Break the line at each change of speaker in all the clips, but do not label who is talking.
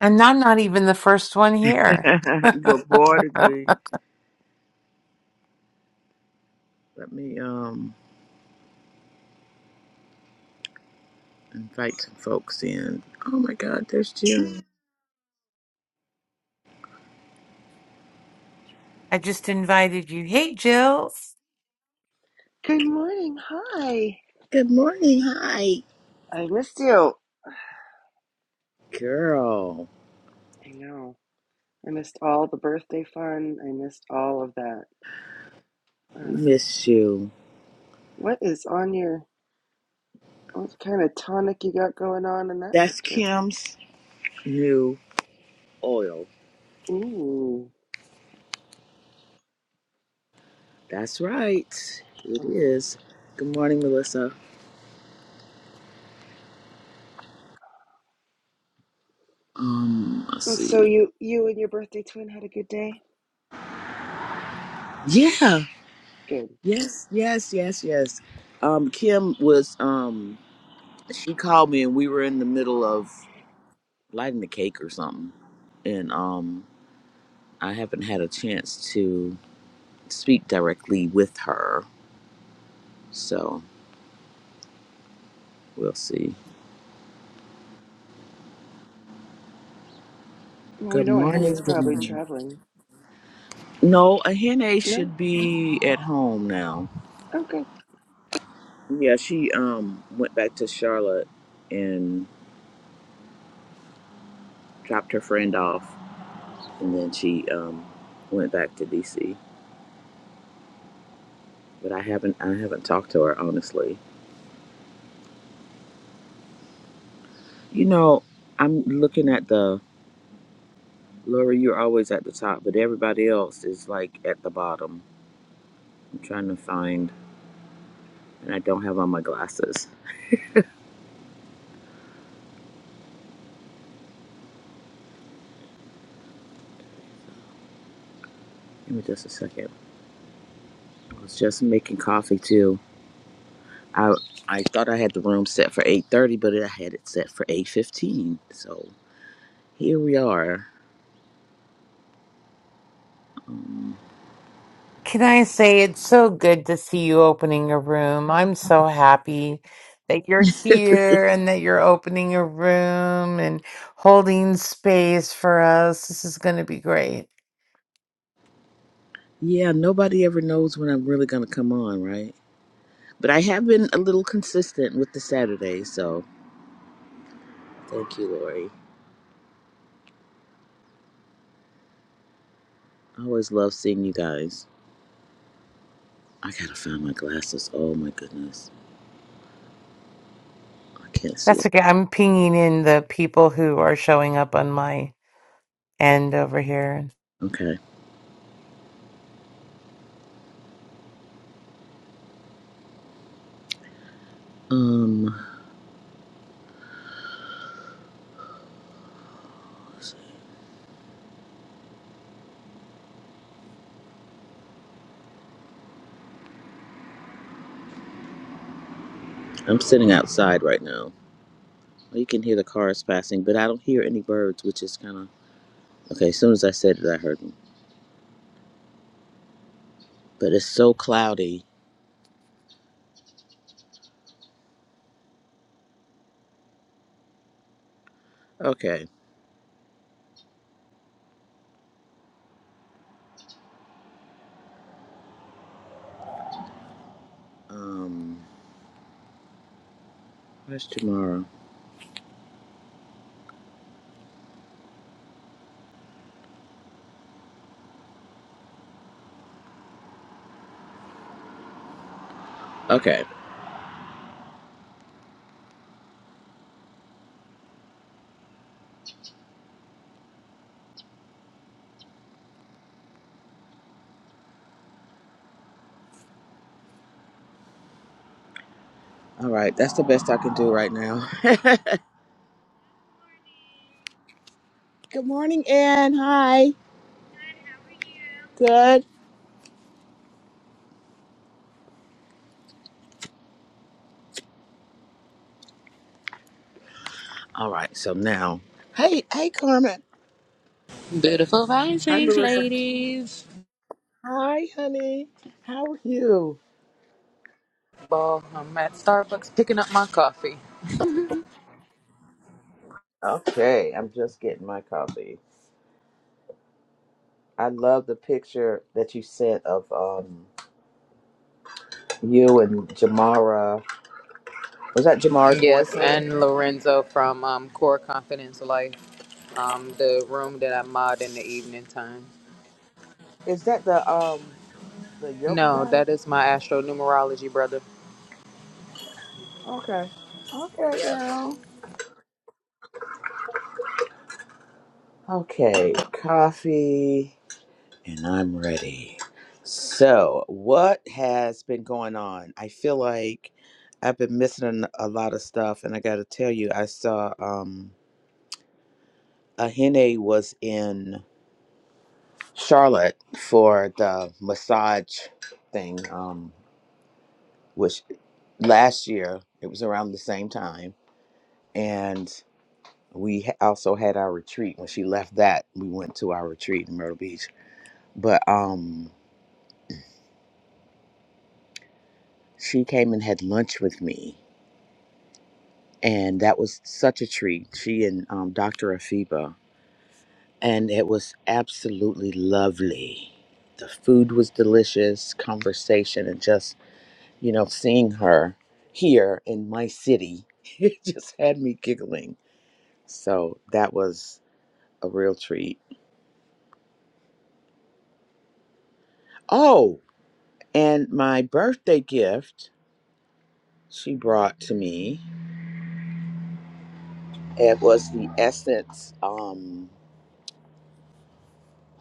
And I'm not even the first one here.
Good morning, Lee. Let me um invite some folks in. Oh my God, there's June.
I just invited you. Hey, Jill.
Good morning. Hi.
Good morning, hi,
I missed you.
girl.
I know. I missed all the birthday fun. I missed all of that.
We
Um,
miss you.
what is on your, what kind of tonic you got going on in that
That's
picture?
Kim's new oil.
Ooh.
That's right. It
Ooh.
is. Good morning, Melissa. Um, let's
And
see.
so you, you and your birthday twin had a good day?
Yeah.
Good.
Yes. Yes. Yes. Yes. Um, Kim was um she called me and we were in the middle of lighting the cake or something, and um I haven't had a chance to speak directly with her, so we'll see.
Well, we
Good
know Aunt
morning.
Henny's
Good
probably
morning.
traveling.
No, Ahene
No?
should be at home now.
Okay.
Yeah, she um went back to Charlotte and dropped her friend off, and then she um went back to DC. But I haven't I haven't talked to her honestly. You know, I'm looking at the Laura. You're always at the top, but everybody else is like at the bottom. I'm trying to find. and I don't have on my glasses. Give me just a second. I was just making coffee too. I I thought I had the room set for eight thirty, but I had it set for eight fifteen. So here we are. Um,
Can I say it's so good to see you opening a room? I'm so happy that you're here and that you're opening a room and holding space for us. This is going to be great.
yeah, nobody ever knows when I'm really gonna come on, right? But I have been a little consistent with the Saturdays, so thank you, Lori. I always love seeing you guys. I gotta find my glasses. Oh my goodness, I can't see
That's
it.
okay. I'm pinging in the people who are showing up on my end over here.
Okay. Um, I'm sitting outside right now. You can hear the cars passing, but I don't hear any birds, which is kind of okay. As soon as I said it, I heard them, but it's so cloudy. Okay. Um, where's tomorrow? Okay. All right. That's the best I can do right now. Good morning, Ann. Hi. Good. All right. So now, hey, hey, Carmen.
Beautiful
Hi,
risings,
Marissa.
ladies.
Hi, honey. How are you?
Well, I'm at Starbucks picking up my coffee.
Okay. I'm just getting my coffee. I love the picture that you sent of um you and Jamara Was that Jamar's
Yes,
boyfriend?
and Lorenzo from um, Core Confidence Life, um, the room that I mod in the evening time.
Is that the um the yoga
No,
guy?
that is my astro numerology, brother.
Okay. Okay, girl. Okay, coffee and I'm ready. So, what has been going on? I feel like I've been missing an- a lot of stuff and I got to tell you I saw um Ahene was in Charlotte for the massage thing um which last year it was around the same time and we ha- also had our retreat when she left that we went to our retreat in myrtle beach but um she came and had lunch with me and that was such a treat she and um, dr afiba and it was absolutely lovely the food was delicious conversation and just you know seeing her here in my city it just had me giggling so that was a real treat oh and my birthday gift she brought to me. It was the Essence, um,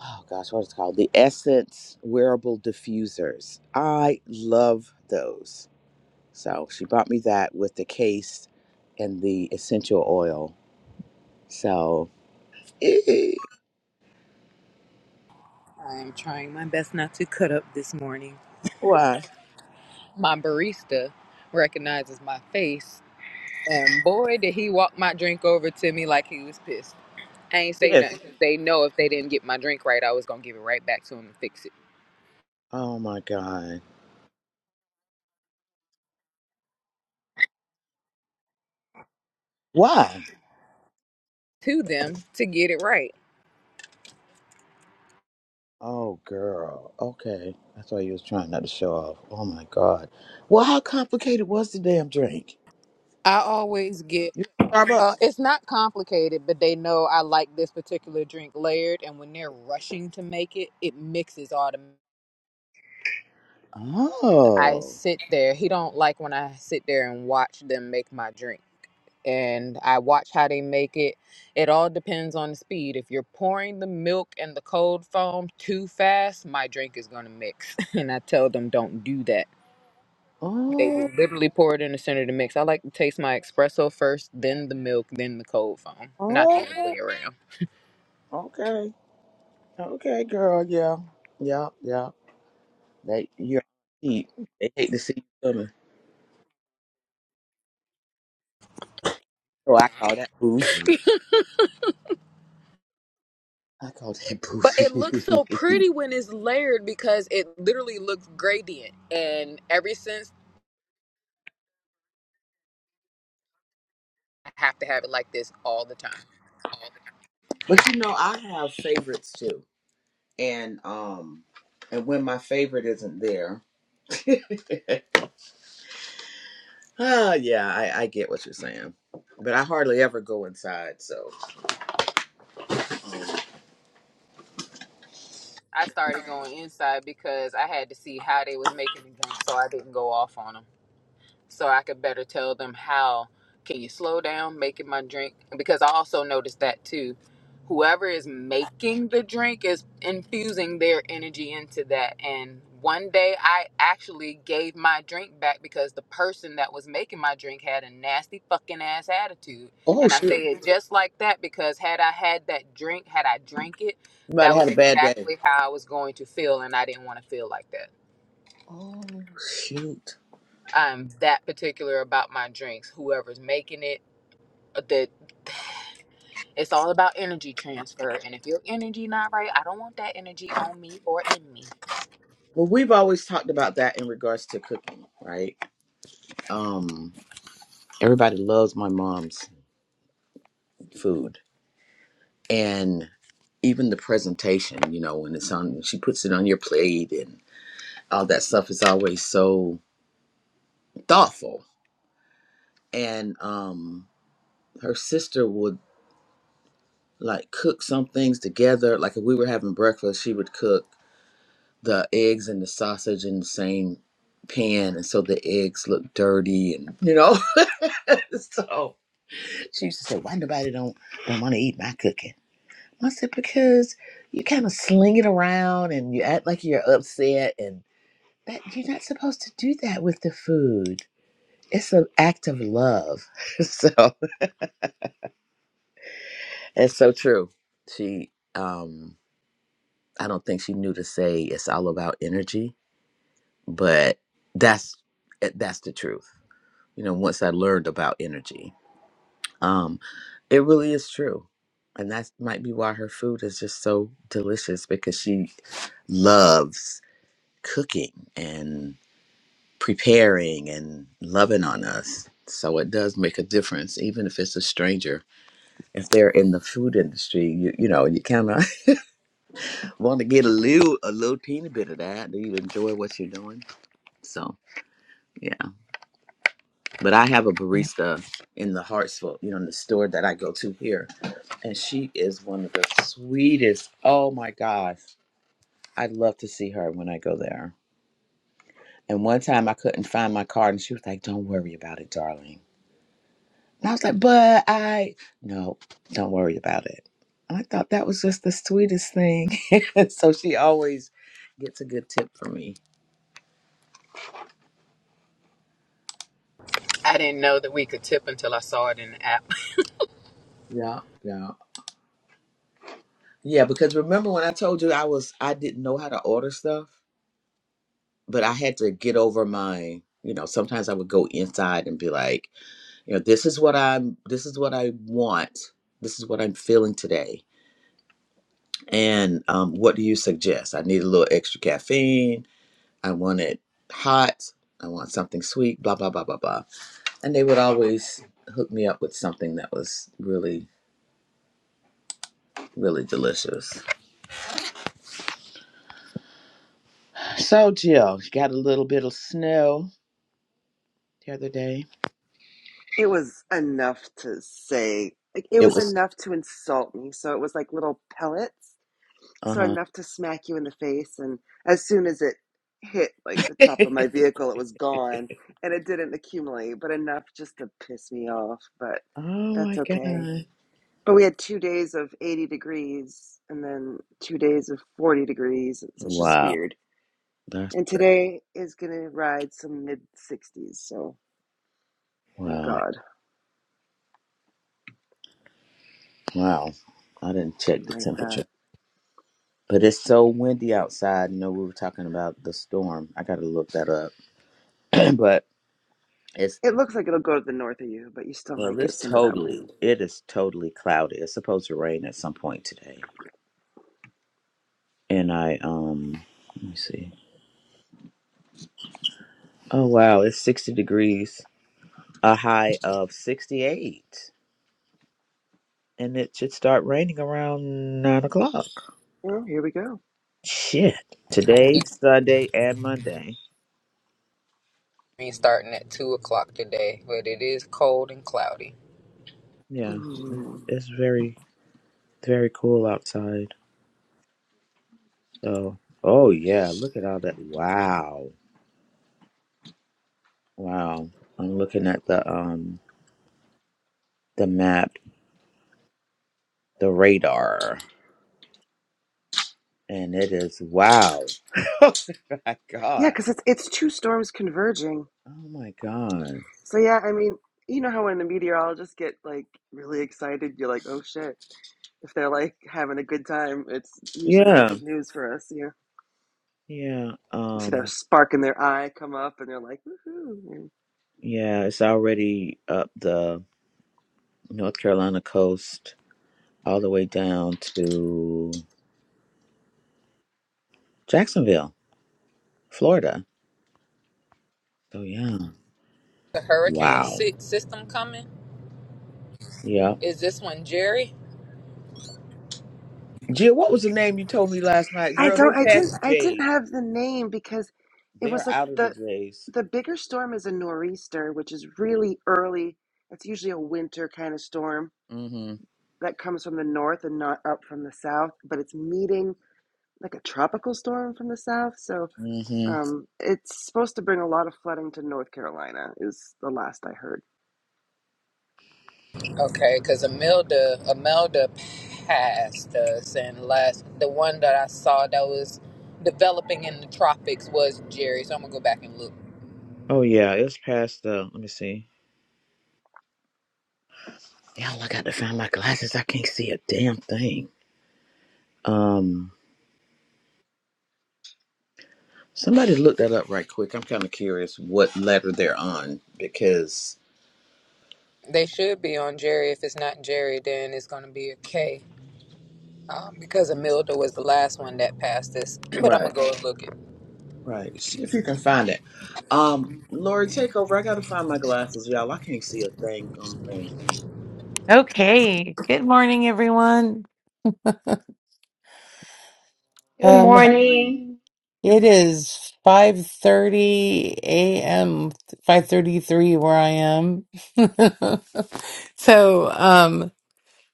oh gosh, what is it called? The Essence wearable diffusers. I love those. So she bought me that with the case and the essential oil. So, eh,
I am trying my best not to cut up this morning.
why?
My barista recognizes my face, and boy, did he walk my drink over to me like he was pissed. I ain't say nothing.
Yes.
They know if they didn't get my drink right, I was gonna give it right back to him and fix it.
Oh my God. Why?
to them to get it right.
Oh, girl. Okay. I thought you was trying not to show off. Oh my God. Well, how complicated was the damn drink?
I always get
You
uh,
Starbucks.
it's not complicated, but they know I like this particular drink layered, and when they're rushing to make it, it mixes automatically. I
Oh.
sit there. He don't like when I sit there and watch them make my drink, and I watch how they make it. It all depends on the speed. If you're pouring the milk and the cold foam too fast, my drink is gonna mix, and I tell them don't do that They
Oh,
literally pour it in the center of the mix. I like to taste my espresso first, then the milk, then the cold foam, not the other
oh,
way around.
okay, okay, girl, yeah, yeah, yeah. They, you they hate to see you coming. So I call that bougie. I call
But it looks so
that bougie.
pretty when it's layered because it literally looks gradient. And ever since, I have to have it like this all the time.
but you know, I have favorites too, and um, and when my favorite isn't there, ah, yeah, I, I get what you're saying. But I hardly ever go inside. So,
I started going inside because I had to see how they was making the drink, so I didn't go off on them. so I could better tell them how can you slow down making my drink because I also noticed that too. Whoever is making the drink is infusing their energy into that and one day I actually gave my drink back because the person that was making my drink had a nasty fucking ass attitude.
oh
And I
shit,
say it just like that because had I had that drink, had I drank it,
you might
that
have
was
had a bad day.
exactly how I was going to feel and I didn't want to feel like that.
Oh shoot.
I'm that particular about my drinks. Whoever's making it, uh, that it's all about energy transfer. And if your energy not right, I don't want that energy on me or in me.
Well, we've always talked about that in regards to cooking, right? Um, everybody loves my mom's food, and even the presentation. You know, when it's on, when she puts it on your plate and all that stuff is always so thoughtful. And um, her sister would like cook some things together. Like if we were having breakfast, she would cook the eggs and the sausage in the same pan, and so the eggs look dirty, and you know, so She used to say, "Why nobody don't don't want to eat my cooking?" I said, "Because you kind of sling it around and you act like you're upset, and that you're not supposed to do that with the food. It's an act of love." so it's so true. She, um, I don't think she knew to say it's all about energy, but that's eh, that's the truth. You know, once I learned about energy. Um, it really is true. And that might be why her food is just so delicious because she loves cooking and preparing and loving on us. So it does make a difference, even if it's a stranger. If they're in the food industry, you you know, you kind of want to get a little a little teeny bit of that. Do you enjoy what you're doing? So yeah. But I have a barista in the Hartsville, you know, in the store that I go to here. And she is one of the sweetest. Oh my gosh. I'd love to see her when I go there. And one time I couldn't find my card and she was like, Don't worry about it, darling. And I was like, But I, no, don't worry about it. And I thought that was just the sweetest thing. so she always gets a good tip from me.
I didn't know that we could tip until I saw it in the app.
Yeah, yeah. Yeah, because remember when I told you I was, I didn't know how to order stuff? but I had to get over my, you know, sometimes I would go inside and be like, you know, this is what I'm, this is what I want. This is what I'm feeling today. And um, what do you suggest? I need a little extra caffeine. I want it hot. I want something sweet, blah, blah, blah, blah, blah. And they would always hook me up with something that was really, really delicious. So, Jill, you got a little bit of snow the other day.
It was enough to say, like, it
It
was
was,
enough to insult me. So it was like little pellets
uh
So
huh.
enough to smack you in the face. And as soon as it hit like the top of my vehicle, it was gone and it didn't accumulate, but enough just to piss me off. But
Oh
that's
my
okay.
God.
But we had two days of 80 degrees and then two days of 40 degrees. So it's just
Wow.
weird.
That's
And
great.
today is going to ride some mid 60s. So thank
Wow.
God.
Wow. I didn't
Didn't
check the
like that.
temperature. But it's so windy outside. You know, we were talking about the storm. I gotta look that up. but it's
It looks like it'll go to the north of you, but you still might
well,
get
it's
some of that
totally
wind.
it is totally cloudy. It's supposed to rain at some point today. And I um let me see. Oh wow, it's sixty degrees, a high of sixty eight. And it should start raining around nine o'clock.
Oh, here we go.
Shit. Today, Sunday and Monday.
We starting at two o'clock today, but it is cold and cloudy.
Yeah,
Mm-hmm.
it's very very cool outside. So, oh yeah, look at all that. Wow, wow. I'm looking at the um the map, the radar, and it is wow. oh my
Yeah,
god.
because it's it's two storms converging.
Oh my god.
So yeah, I mean, you know how when the meteorologists get like really excited, you're like, oh shit. If they're like having a good time, it's usually not
Yeah,
good news for us. Yeah,
yeah.
you see that
Um,
spark in their eye come up, and they're like, woohoo.
yeah. It's already up the North Carolina coast, all the way down to Jacksonville, Florida. So yeah.
The hurricane
Wow.
si- system coming.
Yep.
Is this one Jerry?
Jill, what was the name you told me last night?
I
Girl, they
don't. I
passed
didn't.
the
I didn't
Jays.
have the name because it
They
was
are
like
out of the
the
Jays.
the bigger storm is a nor'easter, which is really early. It's usually a winter kind of storm
Mm-hmm.
that comes from the north and not up from the south, but it's meeting like a tropical storm from the south. So
Mm-hmm.
um, it's supposed to bring a lot of flooding to North Carolina, is the last I heard.
Okay, because Amelda, Amelda passed us, and last the one that I saw that was developing in the tropics was Jerry. So I'm gonna go back and look.
Oh yeah, it's past the let me see. Y'all I got to find my glasses. I can't see a damn thing. Um somebody look that up right quick. I'm kinda curious what letter they're on because
They should be on Jerry. If it's not Jerry, then it's gonna be a K, um, because Amelda was the last one that passed us. but I'm gonna
Right.
go and look it.
Right. See if you can find it. Um Lori, take over. I gotta find my glasses, y'all. I can't see a dang gum thing.
Okay. Good morning, everyone.
Good
Good
morning.
morning.
It is 5:30 a.m., 5:33 where I am. So, um,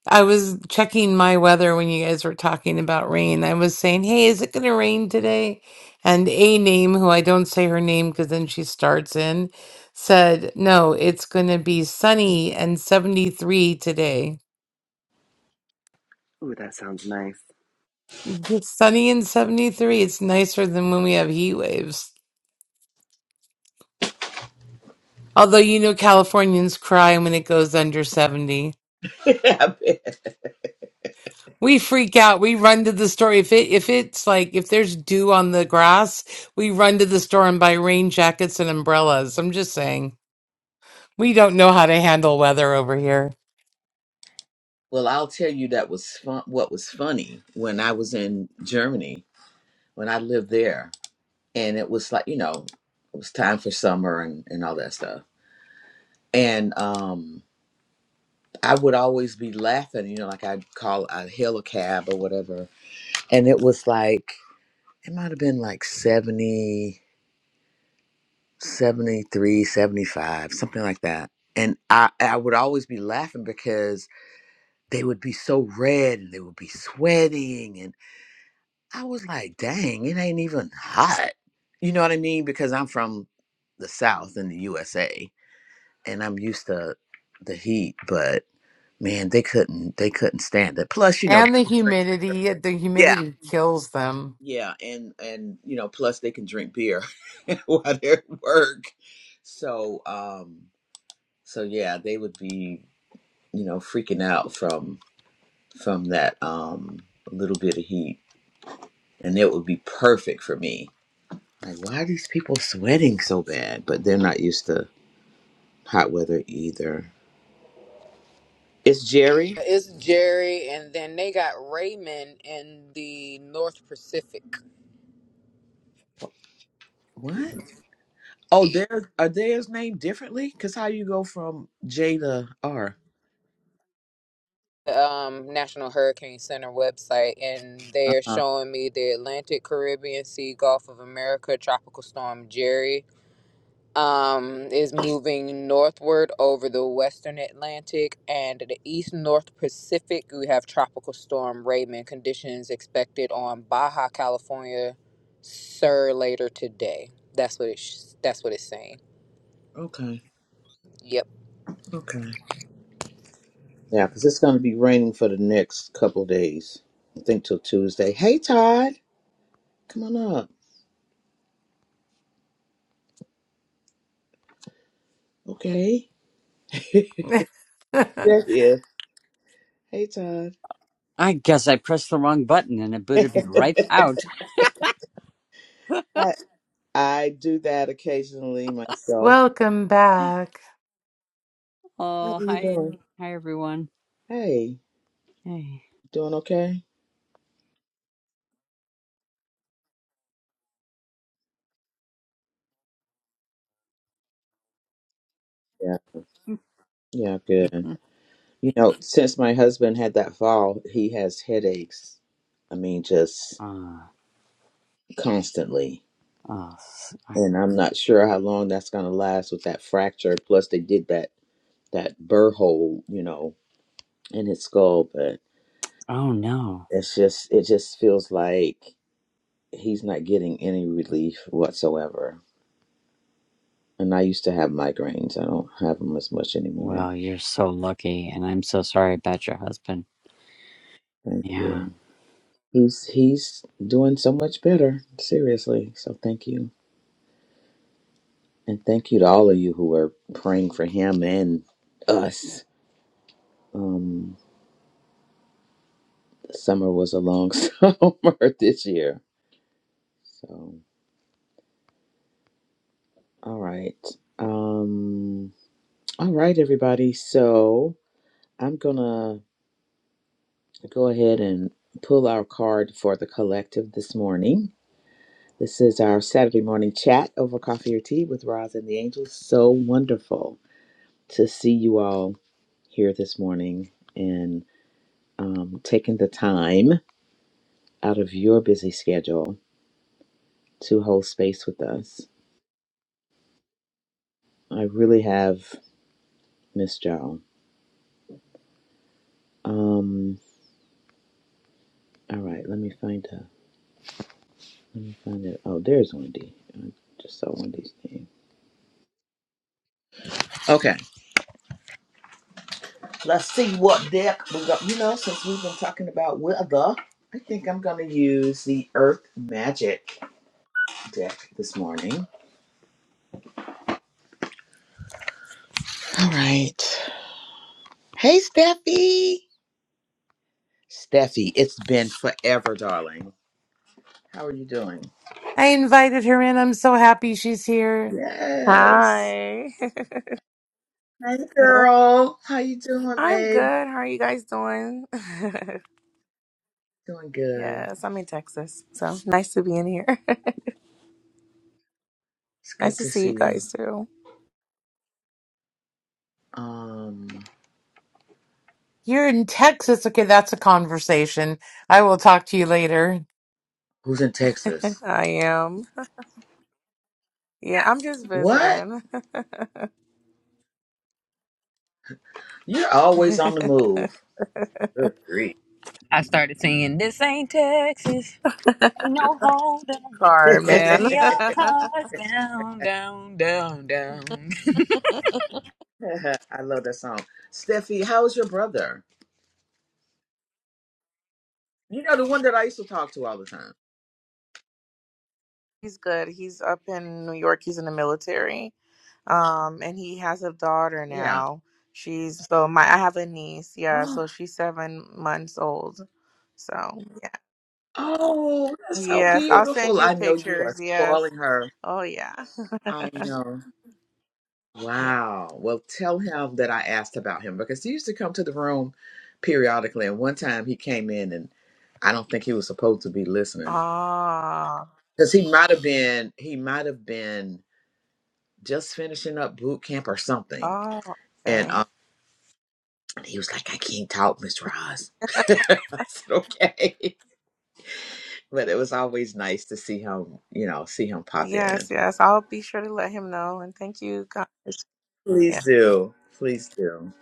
I was checking my weather when you guys were talking about rain. I was saying, "Hey, is it going to rain today?" And a name who I don't say her name because then she starts in said, "No, it's going to be sunny and 73 today."
Ooh, that sounds nice.
It's sunny and 73. It's nicer than when we have heat waves. Although you know Californians cry when it goes under 70.
I bet.
We freak out. We run to the store. If it if it's like if there's dew on the grass, we run to the store and buy rain jackets and umbrellas. I'm just saying. We don't know how to handle weather over here.
Well, I'll tell you that was fun. What was funny when I was in Germany when I lived there, and it was like you know, it was time for summer and and all that stuff. And um, I would always be laughing, you know, like I'd call, I'd hail a cab or whatever, and it was like it might have been like 70, 73, 75, something like that. And I, I would always be laughing because they would be so red and they would be sweating I was like, dang, it ain't even hot. You know what I mean? Because I'm from the South in the USA and I'm used to the heat, but man, they couldn't they couldn't stand it. Plus, you know, they
And the
can drink beer.
humidity, the
Yeah.
humidity kills them.
Yeah. And and you know, plus they can drink beer while they're at work. So um so yeah, they would be, you know, freaking out from from that um little bit of heat. And it would be perfect for me Like, why are these people sweating so bad? But they're not used to hot weather either. It's Jerry.
It's Jerry, and then they got Raymond in the North Pacific.
What? Oh, there are theirs named differently? Cause how you go from J to R?
um, National Hurricane Center website, and they are
Uh-huh.
showing me the Atlantic, Caribbean Sea, Gulf of America tropical storm Jerry um, is moving northward over the western Atlantic and the east north Pacific. We have tropical storm Raymond conditions expected on Baja California, Sur later today. That's what it's that's what it's saying.
Okay.
Yep.
Okay. Yeah, cause it's gonna be raining for the next couple of days. I think till Tuesday. Hey, Todd, come on up. Okay. yeah. yeah. Hey, Todd.
I guess I pressed the wrong button and it booted me right out.
I, I do that occasionally myself.
Welcome back.
How are
Oh,
you
hi.
doing?
Hi, everyone.
Hey,
Hey.
doing okay? Yeah, yeah, good. You know, since my husband had that fall, he has headaches. I mean, just
Ah,
constantly,
oh, s- I-
and I'm not sure how long that's going to last with that fracture. Plus, they did that that burr hole, you know, in his skull. But
oh, no.
it's just, it just feels like he's not getting any relief whatsoever. And I used to have migraines. I don't have them as much anymore.
Well, you're so lucky, and I'm so sorry about your husband.
Thank
Yeah.
you. He's he's doing so much better. Seriously. So thank you. And thank you to all of you who are praying for him and us. Um, summer was a long summer this year. So, all right. Um, all right, everybody. So, I'm going to go ahead and pull our card for the collective this morning. This is our Saturday morning chat over coffee or tea with Roz and the Angels. So wonderful to see you all here this morning and um, taking the time. out of your busy schedule to hold space with us. I really have Miss Joe. Um, all right, let me find a Let me find it. Oh, there's Wendy. I just saw Wendy's name. Okay. Let's see what deck we got. You know, since we've been talking about weather, I think I'm gonna use the Earth Magic deck this morning. All right. Hey, Steffi. Steffi, it's been forever, darling. How are you doing?
I invited her in. I'm so happy she's here.
Yes.
Hi.
Hey
Yeah.
girl, how you doing,
I'm
babe?
good. How are you guys doing?
Doing good.
yes, I'm in Texas. So nice to be in here.
It's
nice
good
to
to
see
see
you
you.
guys too.
Um,
You're in Texas. Okay, that's a conversation. I will talk to you later.
who's in Texas?
I am. Yeah, I'm just
What?
visiting.
You're always on the move. Good grief.
I started singing. This ain't Texas. Ain't no holding. So
I
Carmen.
lay your cards down, down, down, down.
love that song. Steffi, how's your brother? You know the one that I used to talk to all the time.
He's good. He's up in New York. He's in the military. Um, and he has a daughter
Yeah.
now. She's so my I have a niece, yeah,
Oh,
so she's seven months old. So
oh, that's so
Yes, I'll send
beautiful.
you
I know you are
pictures. Yes.
spoiling her.
Oh yeah.
I know.
yeah.
Wow. Well, tell him that I asked about him because he used to come to the room periodically. And one time he came in and I don't think he was supposed to be listening
Ah.
because he might have been, he might have been just finishing up boot camp or something.
Oh,
And
okay.
um, he was like, I can't talk, Miss Roz. I said, okay. But it was always nice to see him, you know, see him pop
Yes,
in.
yes. I'll be sure to let him know. And thank you, guys. Yeah.
Please do. Please do.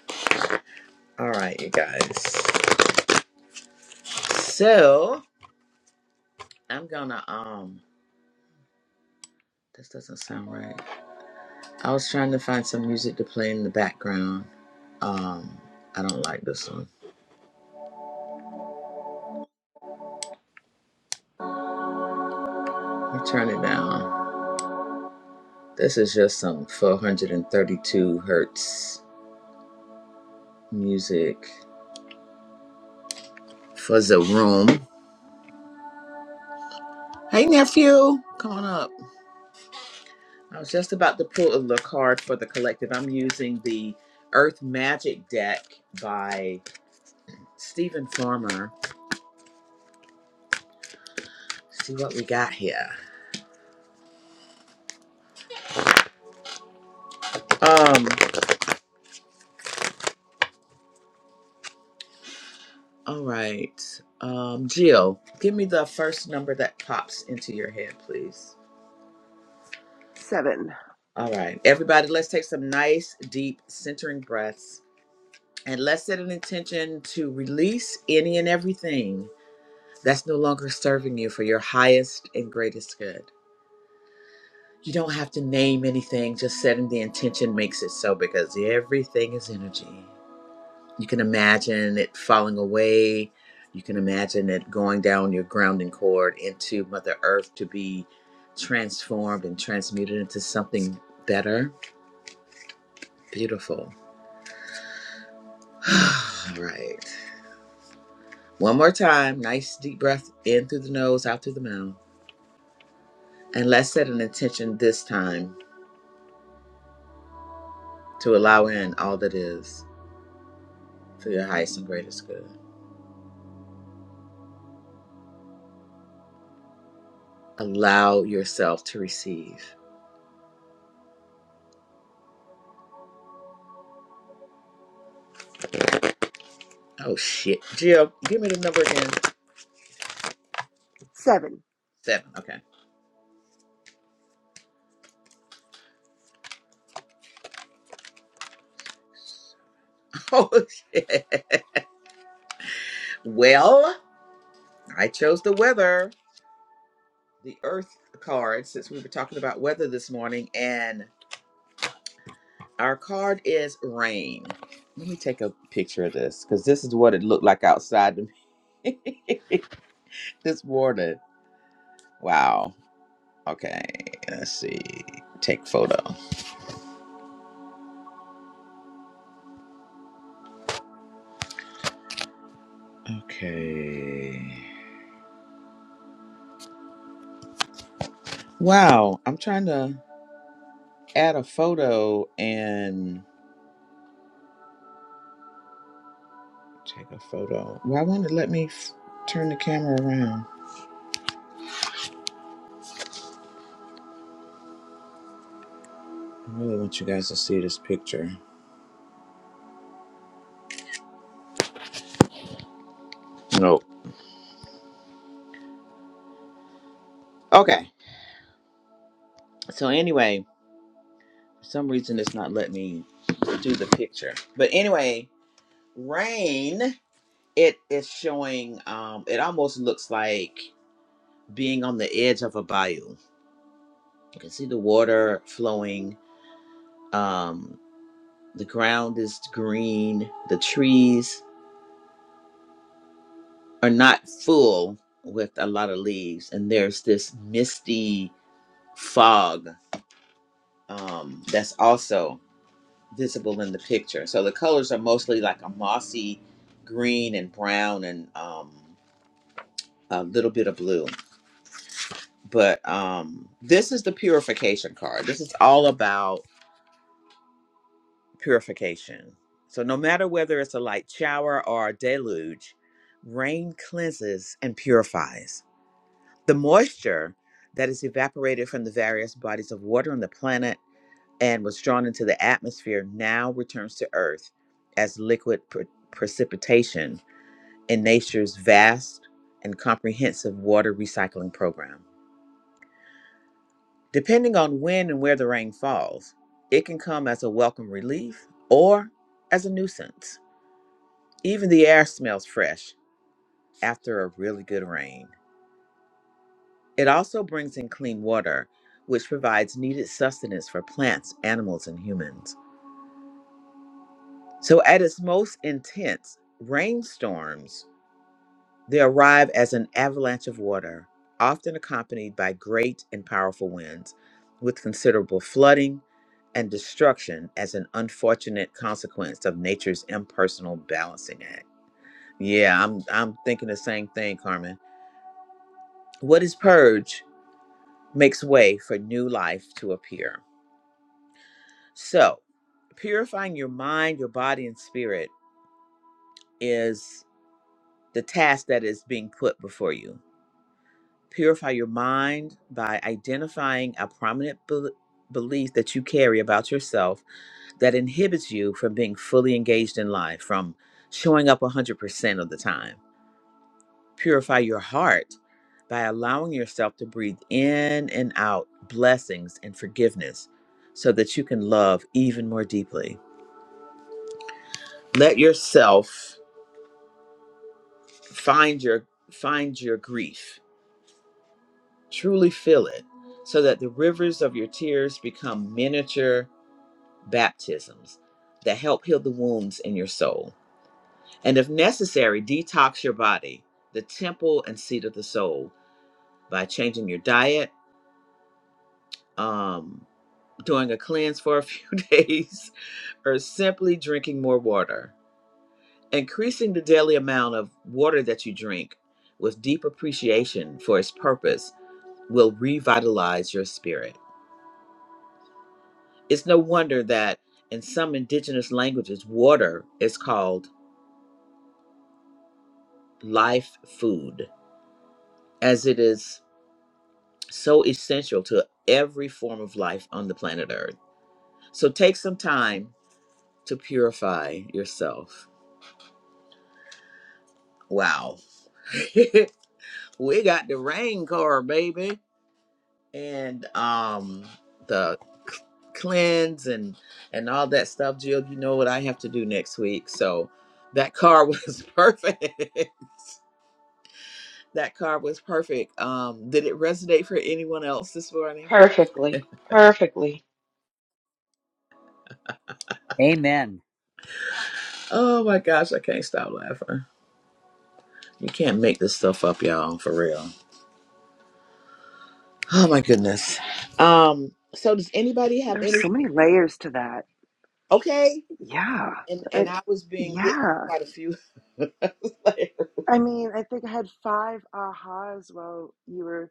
All right, you guys. So I'm going to, um, This doesn't sound right. I was trying to find some music to play in the background. Um, I don't like this one. I'll turn it down. This is just some 432 hertz music for the room. Hey, nephew, come on up. I was just about to pull a look card for the collective. I'm using the Earth Magic deck by Stephen Farmer. See what we got here. Um, All right. Um, Jill, give me the first number that pops into your head, please.
Seven.
All right. Everybody, let's take some nice, deep, centering breaths and let's set an intention to release any and everything that's no longer serving you for your highest and greatest good. You don't have to name anything, just setting the intention makes it so because everything is energy. You can imagine it falling away. You can imagine it going down your grounding cord into Mother Earth to be transformed and transmuted into something better. Beautiful. All right. One more time. Nice deep breath in through the nose, out through the mouth. And let's set an intention this time to allow in all that is for your highest and greatest good. Allow yourself to receive. Oh, shit. Jill, give me the number again.
Seven.
Seven. Okay. Oh, yeah. Well, I chose the weather, the earth card, since we were talking about weather this morning, and our card is rain. Let me take a picture of this because this is what it looked like outside to me this morning. Wow. Okay. Let's see. Take photo. Okay. Wow. I'm trying to add a photo and take a photo. Why won't it let me f- turn the camera around? I really want you guys to see this picture. No. Okay. So anyway, for some reason it's not letting me do the picture. But anyway, rain. It is showing. Um, it almost looks like being on the edge of a bayou. You can see the water flowing. Um, the ground is green. The trees are not full with a lot of leaves, and there's this misty fog um, that's also visible in the picture. So the colors are mostly like a mossy green and brown and um, a little bit of blue. But um, this is the purification card. This is all about purification. So no matter whether it's a light shower or a deluge, rain cleanses and purifies. The moisture that is evaporated from the various bodies of water on the planet and was drawn into the atmosphere now returns to Earth as liquid pre- precipitation in nature's vast and comprehensive water recycling program. Depending on when and where the rain falls, it can come as a welcome relief or as a nuisance. Even the air smells fresh after a really good rain. It also brings in clean water, which provides needed sustenance for plants, animals, and humans. So, at its most intense, rainstorms They arrive as an avalanche of water, often accompanied by great and powerful winds, with considerable flooding and destruction as an unfortunate consequence of nature's impersonal balancing act. Yeah, I'm I'm thinking the same thing, Carmen. What is purge makes way for new life to appear. So, purifying your mind, your body and spirit is the task that is being put before you Purify your mind by identifying a prominent bel belief that you carry about yourself that inhibits you from being fully engaged in life, from showing up 100% of the time. Purify your heart by allowing yourself to breathe in and out blessings and forgiveness so that you can love even more deeply. Let yourself find your find your grief. Truly feel it so that the rivers of your tears become miniature baptisms that help heal the wounds in your soul. And if necessary, detox your body, the temple and seat of the soul, by changing your diet, um, doing a cleanse for a few days, or simply drinking more water. Increasing the daily amount of water that you drink with deep appreciation for its purpose will revitalize your spirit. It's no wonder that in some indigenous languages, water is called life food as it is so essential to every form of life on the planet Earth. So take some time to purify yourself. Wow. we got the rain car, baby. And um the c- cleanse and and all that stuff, Jill. You know what I have to do next week. So that car was perfect. that car was perfect. Um, did it resonate for anyone else this morning?
Perfectly. Perfectly.
Amen.
Oh my gosh, I can't stop laughing. You can't make this stuff up, y'all, for real. Oh my goodness. Um, so does anybody have
There's
any
so many layers to that.
okay?
Yeah.
And
I,
and I was being hit
yeah.
quite a few.
I mean, I think I had five ahas while you were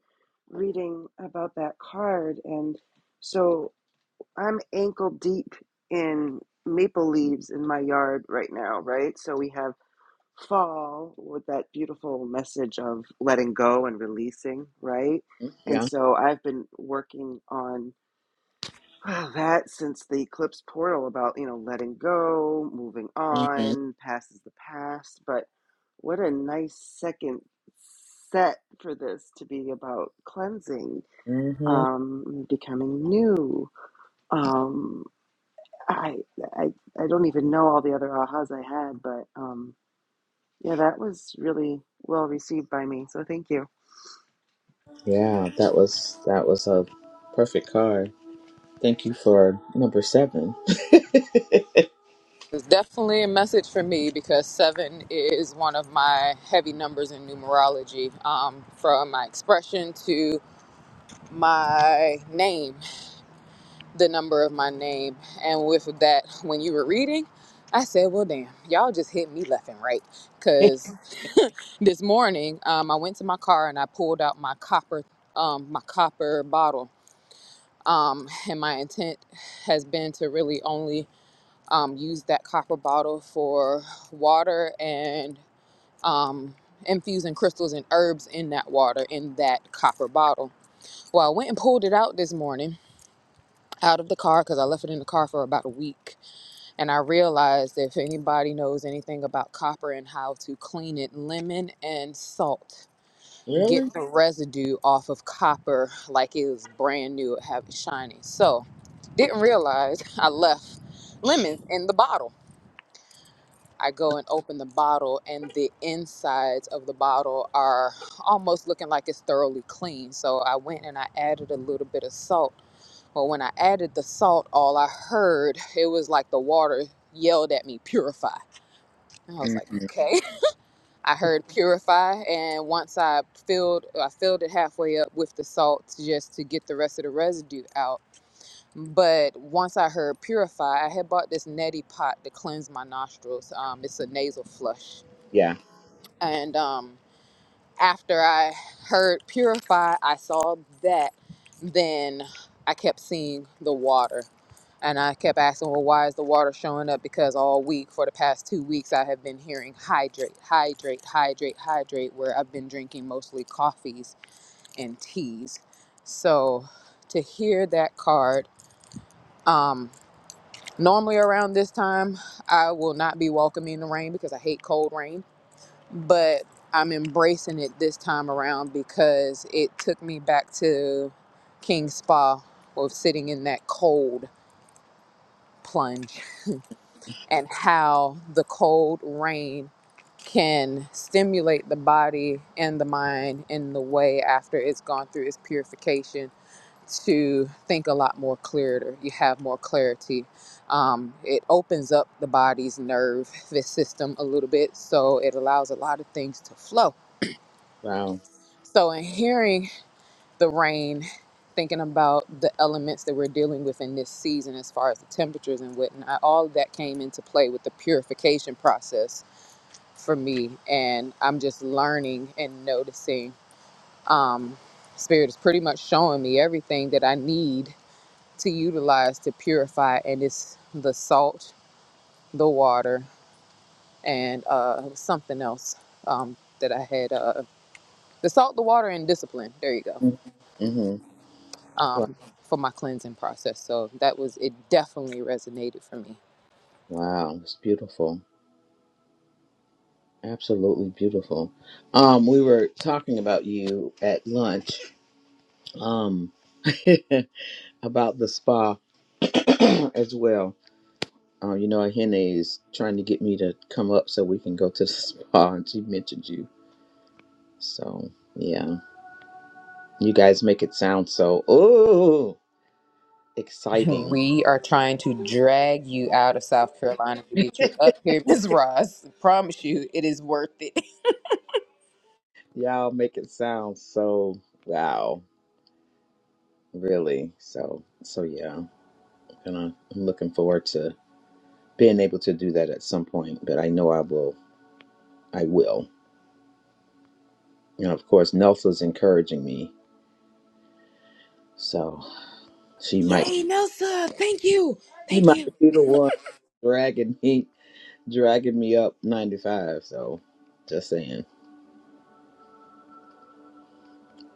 reading about that card. And so I'm ankle deep in maple leaves in my yard right now, right? So we have fall with that beautiful message of letting go and releasing, right? And
yeah.
so I've been working on ah, that since the eclipse portal about, you know, letting go, moving
hmm
on, past is the past. But what a nice second set for this to be about cleansing,
hmm
um, becoming new. Um, I, I, I don't even know all the other ahas I had, but. um. Yeah, that was really well received by me. So thank you.
Yeah, that was that was a perfect card. Thank you for number seven.
It's definitely a message for me because seven is one of my heavy numbers in numerology. Um, from my expression to my name, the number of my name. And with that, when you were reading, I said, well, damn, y'all just hit me left and right.
Hey,
Because this morning, um, I went to my car and I pulled out my copper, um, my copper bottle um, and my intent has been to really only um, use that copper bottle for water and um, infusing crystals and herbs in that water in that copper bottle. Well, I went and pulled it out this morning out of the car because I left it in the car for about a week, and I realized if anybody knows anything about copper and how to clean it, lemon and salt get
Really?
the residue off of copper like it was brand new, it have it shiny. So didn't realize I left lemons in the bottle. I go and open the bottle and the insides of the bottle are almost looking like it's thoroughly clean. So I went and I added a little bit of salt. Well, when I added the salt, all I heard it was like the water yelled at me, purify. And I was
hmm
like, okay. I heard purify, and once I filled, I filled it halfway up with the salt just to get the rest of the residue out. But once I heard purify, I had bought this neti pot to cleanse my nostrils. Um, it's a nasal flush,
Yeah.
and um, after I heard purify, I saw that. Then I kept seeing the water. And I kept asking, well, why is the water showing up? Because all week, for the past two weeks, I have been hearing hydrate, hydrate, hydrate, hydrate, where I've been drinking mostly coffees and teas. So to hear that card, um, normally around this time, I will not be welcoming the rain because I hate cold rain but I'm embracing it this time around because it took me back to King Spa of sitting in that cold plunge and how the cold rain can stimulate the body and the mind in the way after it's gone through its purification to think a lot more clearer. You have more clarity. Um, it opens up the body's nerve, this system a little bit, so it allows a lot of things to flow
Wow.
So, in hearing the rain, thinking about the elements that we're dealing with in this season, as far as the temperatures and whatnot, all of that came into play with the purification process for me. And I'm just learning and noticing. Um, Spirit is pretty much showing me everything that I need to utilize to purify, and it's the salt, the water, and uh, something else um, that I had uh, the salt, the water, and discipline. There you go
Mm-hmm. Mm-hmm. Wow.
um, for my cleansing process. So that was, it definitely resonated for me.
Wow. It's beautiful. Absolutely beautiful. Um, we were talking about you at lunch, um, about the spa as well. Uh, you know, Ahene is trying to get me to come up so we can go to the spa, and she mentioned you. So, yeah, you guys make it sound so, ooh, exciting.
We are trying to drag you out of South Carolina to get you up here, Ms. Ross. I promise you, it is worth it.
Y'all make it sound so, wow, really. So, so yeah, gonna, I'm looking forward to being able to do that at some point, but I know I will, I will. And of course, Nelsa's encouraging me, so she might,
Yay, Nelsa. Thank you.
she
Thank
might
you.
be the one dragging me dragging me up 95. So just saying.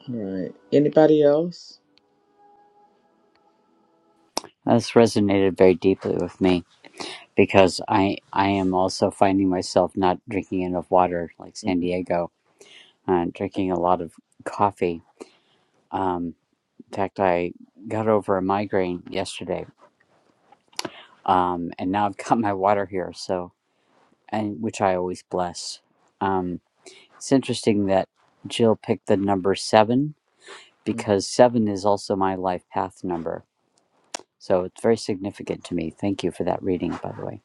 All right. Anybody else?
This resonated very deeply with me because I I am also finding myself not drinking enough water like San
Mhm.
Diego and drinking a lot of coffee. Um, in fact, I got over a migraine yesterday um, and now I've got my water here, so and which I always bless. Um, it's interesting that Jill picked the number seven because seven is also my life path number, so it's very significant to me. Thank you for that reading, by the way.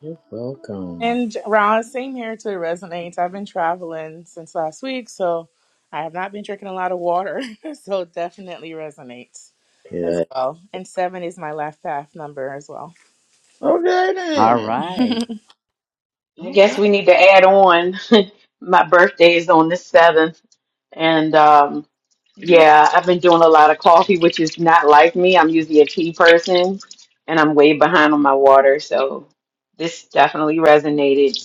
You're welcome.
And Ron, same here too. It resonates. I've been traveling since last week, so I have not been drinking a lot of water. so it definitely resonates as
Good.
well. And seven is my life path number as well.
Okay
All
then.
right,
I
All
guess
right.
we need to add on. My birthday is on the 7th. And um, yeah, I've been doing a lot of coffee, which is not like me. I'm usually a tea person and I'm way behind on my water. So this definitely resonated.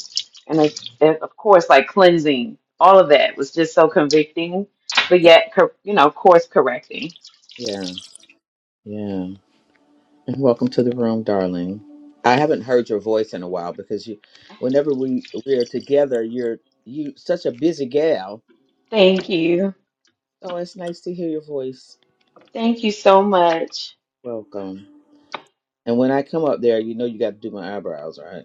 And it, it- of course, like cleansing, all of that was just so convicting, but yet, cor- you know, course correcting.
Yeah. Yeah. Welcome to the room, darling. I haven't heard your voice in a while because you, whenever we we're together, you're you such a busy gal.
Thank you.
Oh, it's nice to hear your voice.
Thank you so much.
Welcome. And when I come up there, you know you got to do my eyebrows, right?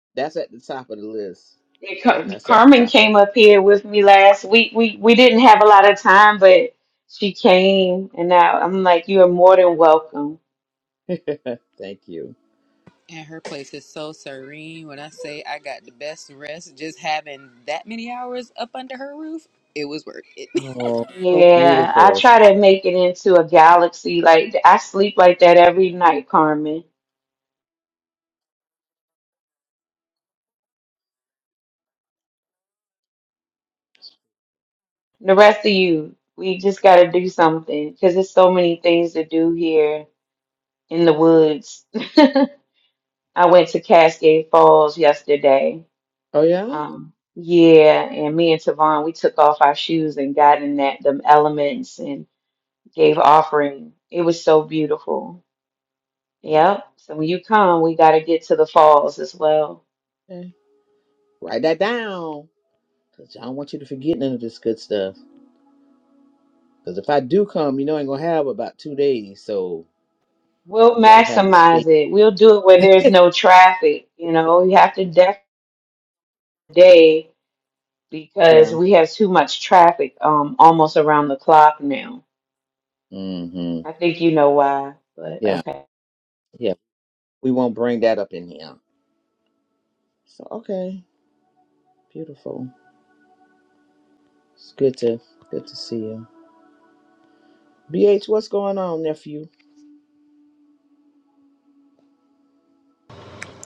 That's at the top of the list.
Yeah, Car-
That's at the
Carmen
top.
came up here with me last week. We we didn't have a lot of time, but she came, and now I'm like, you are more than welcome.
Of Thank you.
And her place is so serene. When I say I got the best rest, just having that many hours up under her roof, it was worth it.
Oh, so
Yeah, I
beautiful. So,
try to make it into a galaxy. Like I sleep like that every night, Carmen. The rest of you, we just got to do something because there's so many things to do here in the woods. I went to Cascade Falls yesterday.
Oh yeah.
Um, yeah, and me and Tavon, we took off our shoes and got in that them elements and gave offering. It was so beautiful. Yep. So when you come, we got to get to the falls as well.
Okay. Write that down because I don't want you to forget none of this good stuff. Because if I do come, you know, I am gonna have about two days, so
We'll
we gotta have the
maximize
space.
it. We'll do it where there's no traffic. You know, we have to def day because
Yeah.
we have too much traffic um almost around the clock now.
Mm-hmm.
I think you know why, but
Yeah.
okay.
Yeah. We won't bring that up in here. So okay, beautiful. It's good to good to see you. BH, what's going on, nephew?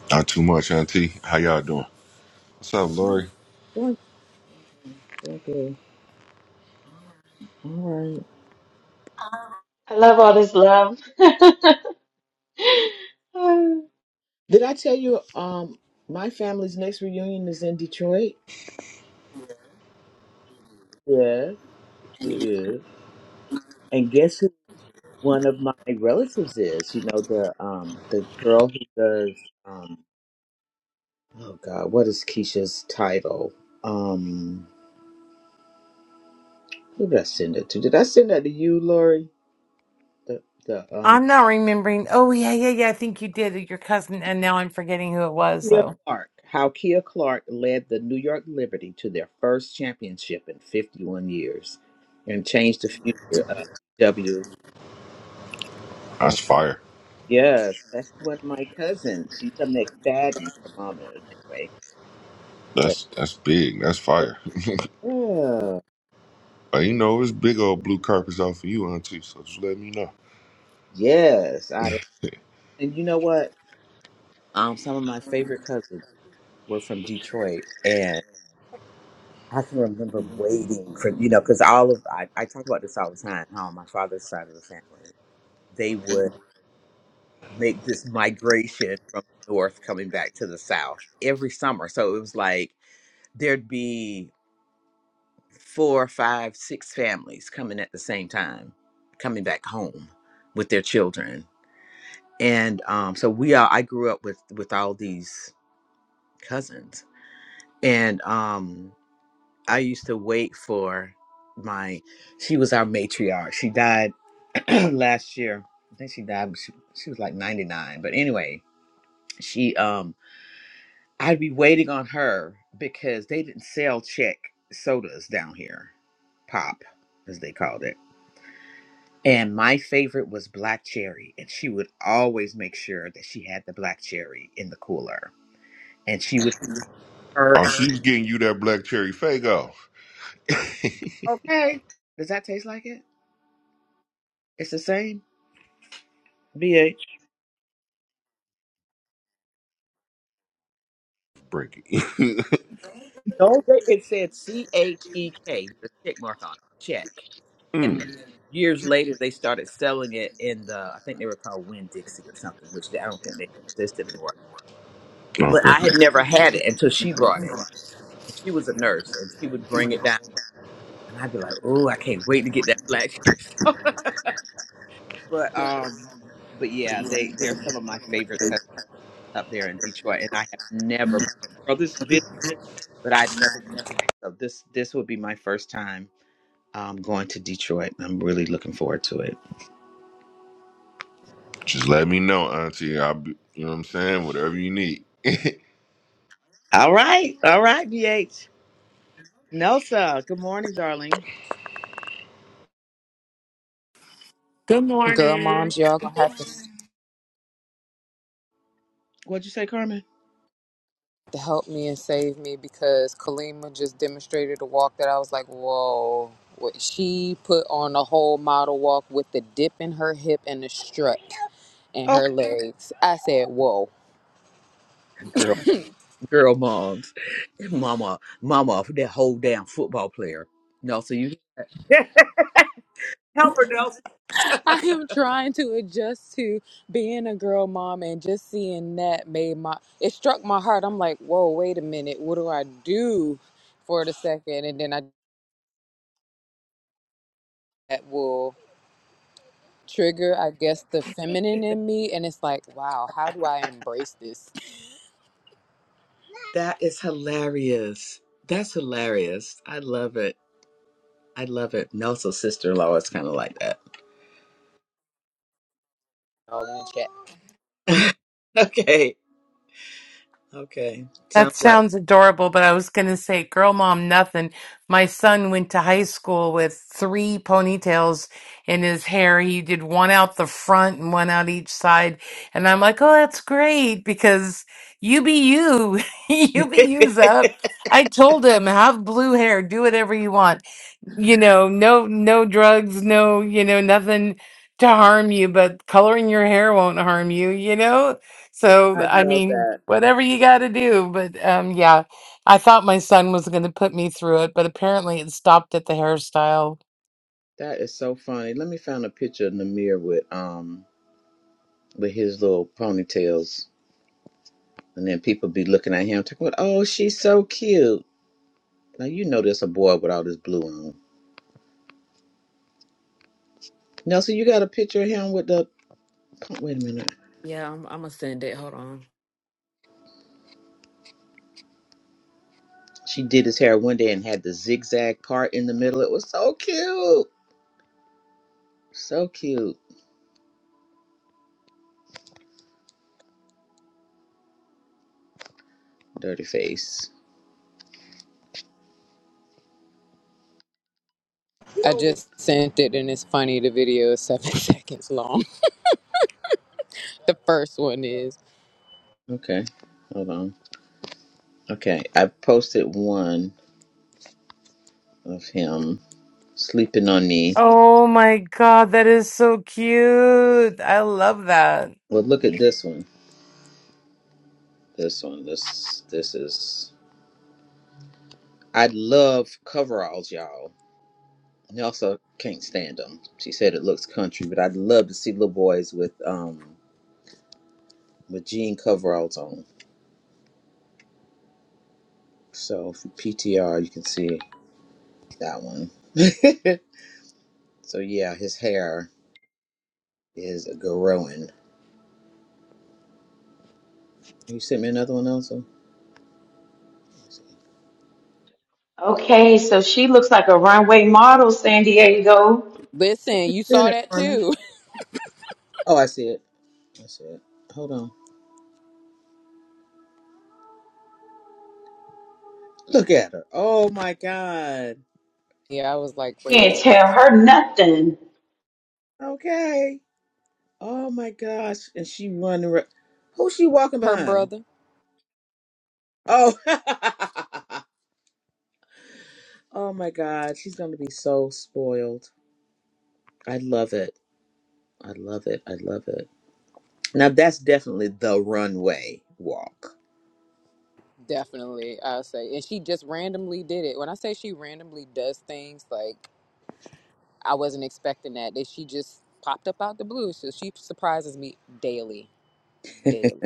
Not too much, Auntie. How y'all doing? What's up, Lori?
Doing doing good. All right.
I love all this love.
Did I tell you? Um, my family's next reunion is in Detroit. Yes, it is. And guess who? One of my relatives is. You know the um the girl who does um Oh God, what is Keisha's title? Um, who did I send it to? Did I send that to you, Lori? The the um
I'm not remembering. Oh, yeah, yeah, yeah. I think you did. Your cousin. And now I'm forgetting who it was,
Kia
though.
Clark. How Kia Clark led the New York Liberty to their first championship in 51 years, and changed the future of W.
That's
Um,
fire.
yes, that's one of my cousins. She's a McFadden. Her mom is anyway. But
That's that's big. That's fire.
yeah,
But you know, it's big old blue carpets out for you, Auntie. So just let me know.
yes, I. And you know what? Um, some of my favorite cousins were from Detroit, I can remember waiting for you know because all of I, I talk about this all the time. How on my father's side of the family, they would make this migration from the north coming back to the south every summer. So it was like there'd be four, five, six families coming at the same time, coming back home with their children. And um, so we all I grew up with with all these cousins, and um, I used to wait for my. She was our matriarch. She died last year. I think she died. She, she was like ninety nine. But anyway, she um. I'd be waiting on her because they didn't sell check sodas down here, pop as they called it. And my favorite was black cherry, and she would always make sure that she had the black cherry in the cooler. And she would her
Oh,
and
she's getting you that black cherry fago.
okay, does that taste like it? It's the same. B A.
Break it.
No, they, it said C H E K with a check mark on it. Check. And
Mm,
years later, they started selling it in the, I think they were called Winn Dixie or something, which I don't think they exist anymore. But
Okay.
I had never had it until she brought it. And she was a nurse and she would bring it down. And I'd be like, oh, I can't wait to get that black soda." But, um, but yeah, they, they're some of my favorite cousins up there in Detroit. And I have never, brothers visited, but I've never been. So this, this would be my first time um, going to Detroit. I'm really looking forward to it.
Just let me know, Auntie. I'll be. You know what I'm saying? Whatever you need.
All right. All right, BH. Nelsa, good morning, darling.
Good
Girl
morning.
moms, y'all gonna have to.
What'd you say, Carmen?
to help me and save me because Kalima just demonstrated a walk that I was like, whoa. What she put on a whole model walk with the dip in her hip and the strut in her
Okay.
legs. I said, whoa.
Girl, girl, moms, mama, mama, that whole damn football player. No, so you help her, Nelson.
I am trying to adjust to being a girl mom and just seeing that made my it struck my heart. I'm like, whoa, wait a minute, what do I do for the second? And then I that will trigger, I guess, the feminine in me. And it's like, wow, how do I embrace this?
That is hilarious. That's hilarious. I love it. I love it. Nelson's sister in law is kind of like
All in the chat.
that. okay. Okay.
That
Sounds like.
sounds adorable, but I was going to say, girl, mom, nothing. My son went to high school with three ponytails in his hair. He did one out the front and one out each side. And I'm like, oh, that's great because you be you.
I
you be you, up. I told him, have blue hair, do whatever you want. you know, no no drugs, no, you know, nothing to harm you, but coloring your hair won't harm you, you know? So, I
love
mean,
that.
whatever you got to do, but um yeah, I thought my son was going to put me through it, but apparently it stopped at the hairstyle.
That is so funny. Let me find a picture of Namir with um with his little ponytails, and then people be looking at him talking about, "Oh, she's so cute." Now you know there's a boy with all this blue on. Nelson, you got a picture of him with the? Wait a minute.
Yeah, I'm, I'm gonna send it. Hold on.
She did his hair one day and had the zigzag part in the middle. It was so cute, so cute. Dirty face.
I just sent it and it's funny. The video is seven seconds long. The first one is.
Okay, hold on. Okay, I posted one of him sleeping on me.
Oh my God, that is so cute. I love that.
Well, look at this one. This one, this this is. I love coveralls, y'all. And I also can't stand them. She said it looks country, but I'd love to see little boys with um with jean coveralls on. So if you PTR, you can see that one. so yeah, his hair is growing. You sent me another one also.
Okay, so she looks like a runway model, San Diego.
Listen, you
Send
saw
it,
that
Carmen.
too.
Oh, I see it. I see it. Hold on. Look at her. Oh my God.
Yeah, I was like, wait a
Can't
minute.
tell her nothing.
Okay. Oh my gosh. And she running. ra- who's she walking
Her
behind?
brother?
Oh Oh my God. She's gonna be so spoiled. I love it. I love it. I love it. Now that's definitely the runway walk.
Definitely, I'll say. And she just randomly did it. When I say she randomly does things, like, I wasn't expecting that. That she just popped up out the blue. So she surprises me daily, daily.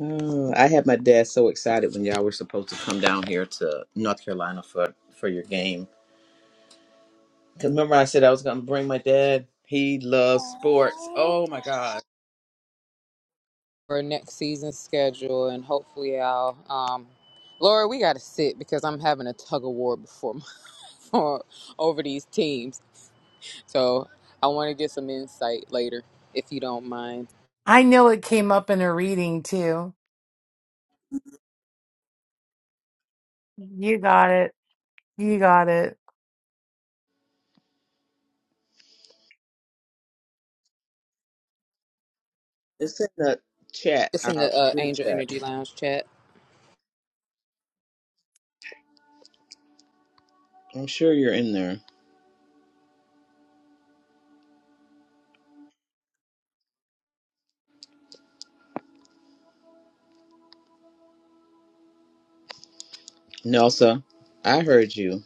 Oh, I had my dad so excited when y'all were supposed to come down here to North Carolina for, for your game. 'Cause remember I said I was gonna bring my dad. He loves sports.
Aww.
Oh my God.
For next season's schedule, and hopefully I'll. Um, Laura, we got to sit because I'm having a tug of war before for over these teams. So I want to get some insight later, if you don't mind.
I know it came up in a reading too. You got it. You got it.
It's in the chat,
It's in
our
the uh,
group
Angel
chat.
Energy Lounge chat.
I'm sure you're in there. Nelsa, I heard you.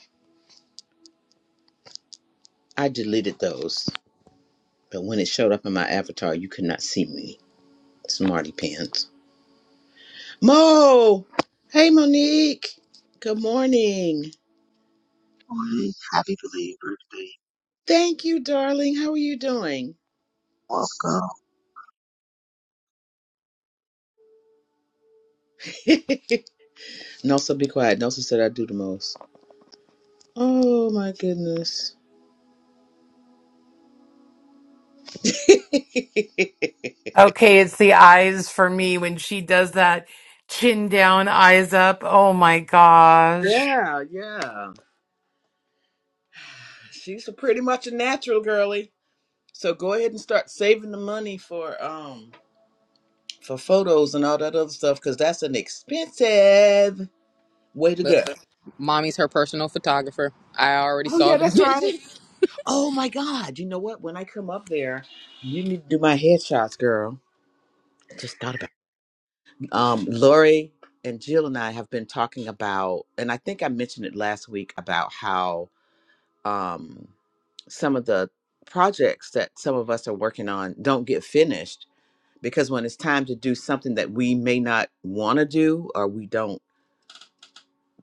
I deleted those, but when it showed up in my avatar, you could not see me. Smarty pants. Mo! Hey, Monique! Good morning.
Morning. Happy belated birthday.
Thank you, darling. How are you doing?
Welcome.
Nelsa, be quiet. Nelsa said I do the most. Oh, my goodness.
Okay, it's the eyes for me when she does that chin down, eyes up. Oh my gosh.
yeah, yeah. She's a pretty much a natural girly. So go ahead and start saving the money for um for photos and all that other stuff because that's an expensive way to
But
go.
mommy's her personal photographer. I already
Oh
saw
yeah,
the
that's right.
vision.
Oh my God! You know what? When I come up there, you need to do my headshots, girl. I just thought about. It. Um, Lori and Jill and I have been talking about, and I think I mentioned it last week about how um some of the projects that some of us are working on don't get finished because when it's time to do something that we may not want to do or we don't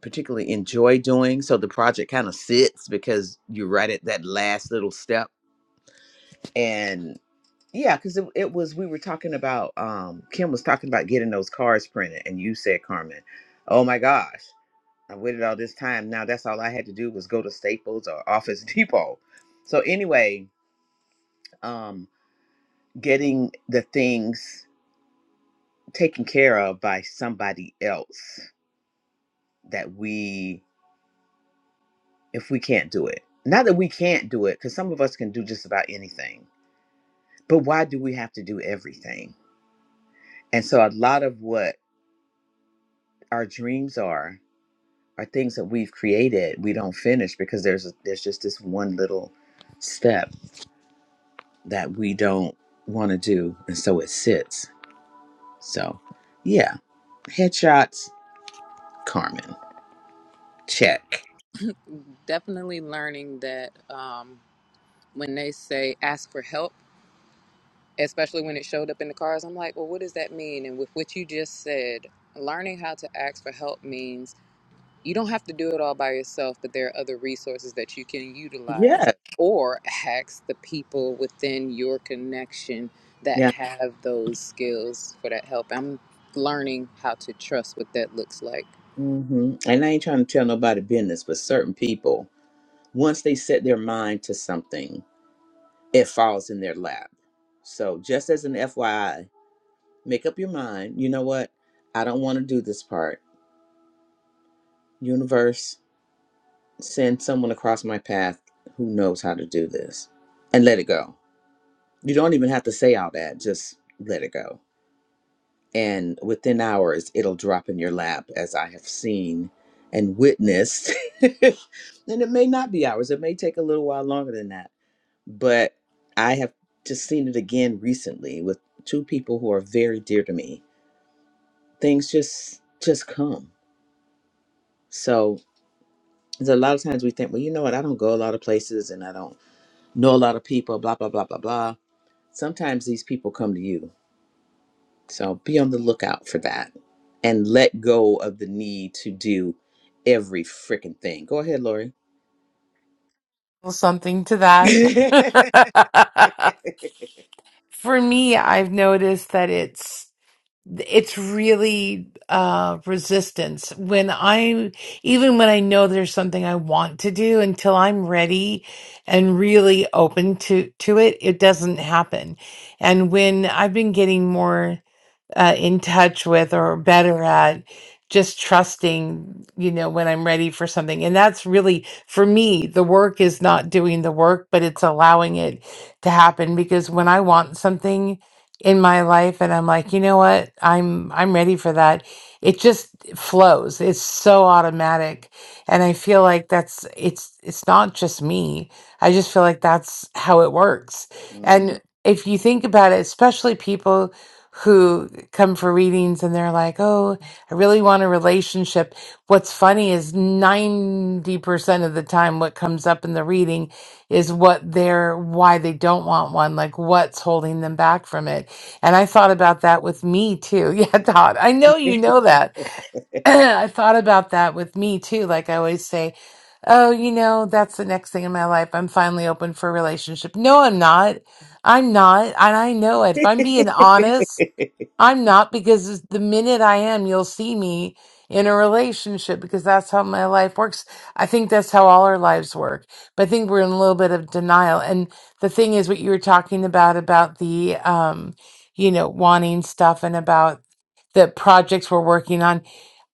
particularly enjoy doing. So the project kind of sits because you're right at that last little step. And yeah, because it, it was, we were talking about, um, Kim was talking about getting those cards printed. And you said, Carmen, oh my gosh, I waited all this time. Now that's all I had to do was go to Staples or Office Depot. So anyway, um, getting the things taken care of by somebody else that we if we can't do it. Not that we can't do it, because some of us can do just about anything, but why do we have to do everything? And so, a lot of what our dreams are are things that we've created we don't finish because there's there's just this one little step that we don't want to do, and so it sits. So, yeah, headshots, Carmen, check.
Definitely learning that um, when they say ask for help, especially when it showed up in the cars, I'm like, well, what does that mean? And with what you just said, learning how to ask for help means you don't have to do it all by yourself, but there are other resources that you can utilize
Yeah,
or ask the people within your connection that
yeah.
have those skills for that help. I'm learning how to trust what that looks like.
hmm And I ain't trying to tell nobody business, but certain people, once they set their mind to something, it falls in their lap. So, just as an FYI, make up your mind you know what? I don't want to do this part. Universe, send someone across my path who knows how to do this and let it go. You don't even have to say all that, just let it go. And within hours, it'll drop in your lap, as I have seen and witnessed. and it may not be hours, it may take a little while longer than that but I have just seen it again recently with two people who are very dear to me. Things just just come. So there's a lot of times we think, well, you know what? I don't go a lot of places and I don't know a lot of people. Blah blah blah blah blah. Sometimes these people come to you. So be on the lookout for that and let go of the need to do every freaking thing. Go ahead, Lori.
Well, Something to that. For me, I've noticed that it's it's really uh resistance. When I even when I know there's something I want to do until I'm ready and really open to to it, it doesn't happen. And when I've been getting more uh, in touch with or better at just trusting you know when i'm ready for something and that's really for me the work is not doing the work but it's allowing it to happen because when i want something in my life and i'm like you know what i'm i'm ready for that it just flows it's so automatic and i feel like that's it's it's not just me i just feel like that's how it works and if you think about it especially people who come for readings and they're like, oh, I really want a relationship. What's funny is 90% of the time, what comes up in the reading is what they're, why they don't want one, like what's holding them back from it. And I thought about that with me too. Yeah, Todd, I know you know that. I thought about that with me too. Like I always say, oh, you know, that's the next thing in my life. I'm finally open for a relationship. No, I'm not. I'm not. And I know it. If I'm being honest, I'm not because the minute I am, you'll see me in a relationship because that's how my life works. I think that's how all our lives work. But I think we're in a little bit of denial. And the thing is, what you were talking about, about the, um, you know, wanting stuff and about the projects we're working on.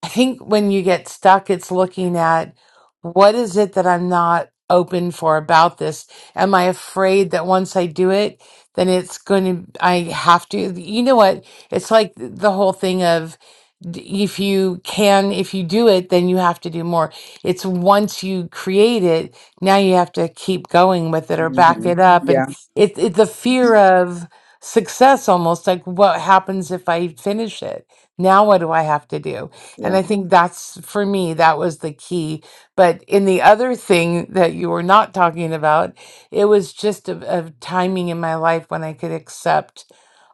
I think when you get stuck, it's looking at what is it that I'm not open for about this? Am I afraid that once I do it, then it's going to, I have to, you know what? It's like th- the whole thing of d- if you can, if you do it, then you have to do more. It's once you create it, now you have to keep going with it or back
Mm-hmm.
it up. And
Yeah.
it, it the fear of success almost like what happens if I finish it? Now what do I have to do? And
Yeah.
I think that's for me, that was the key. But in the other thing that you were not talking about, it was just a, a timing in my life when I could accept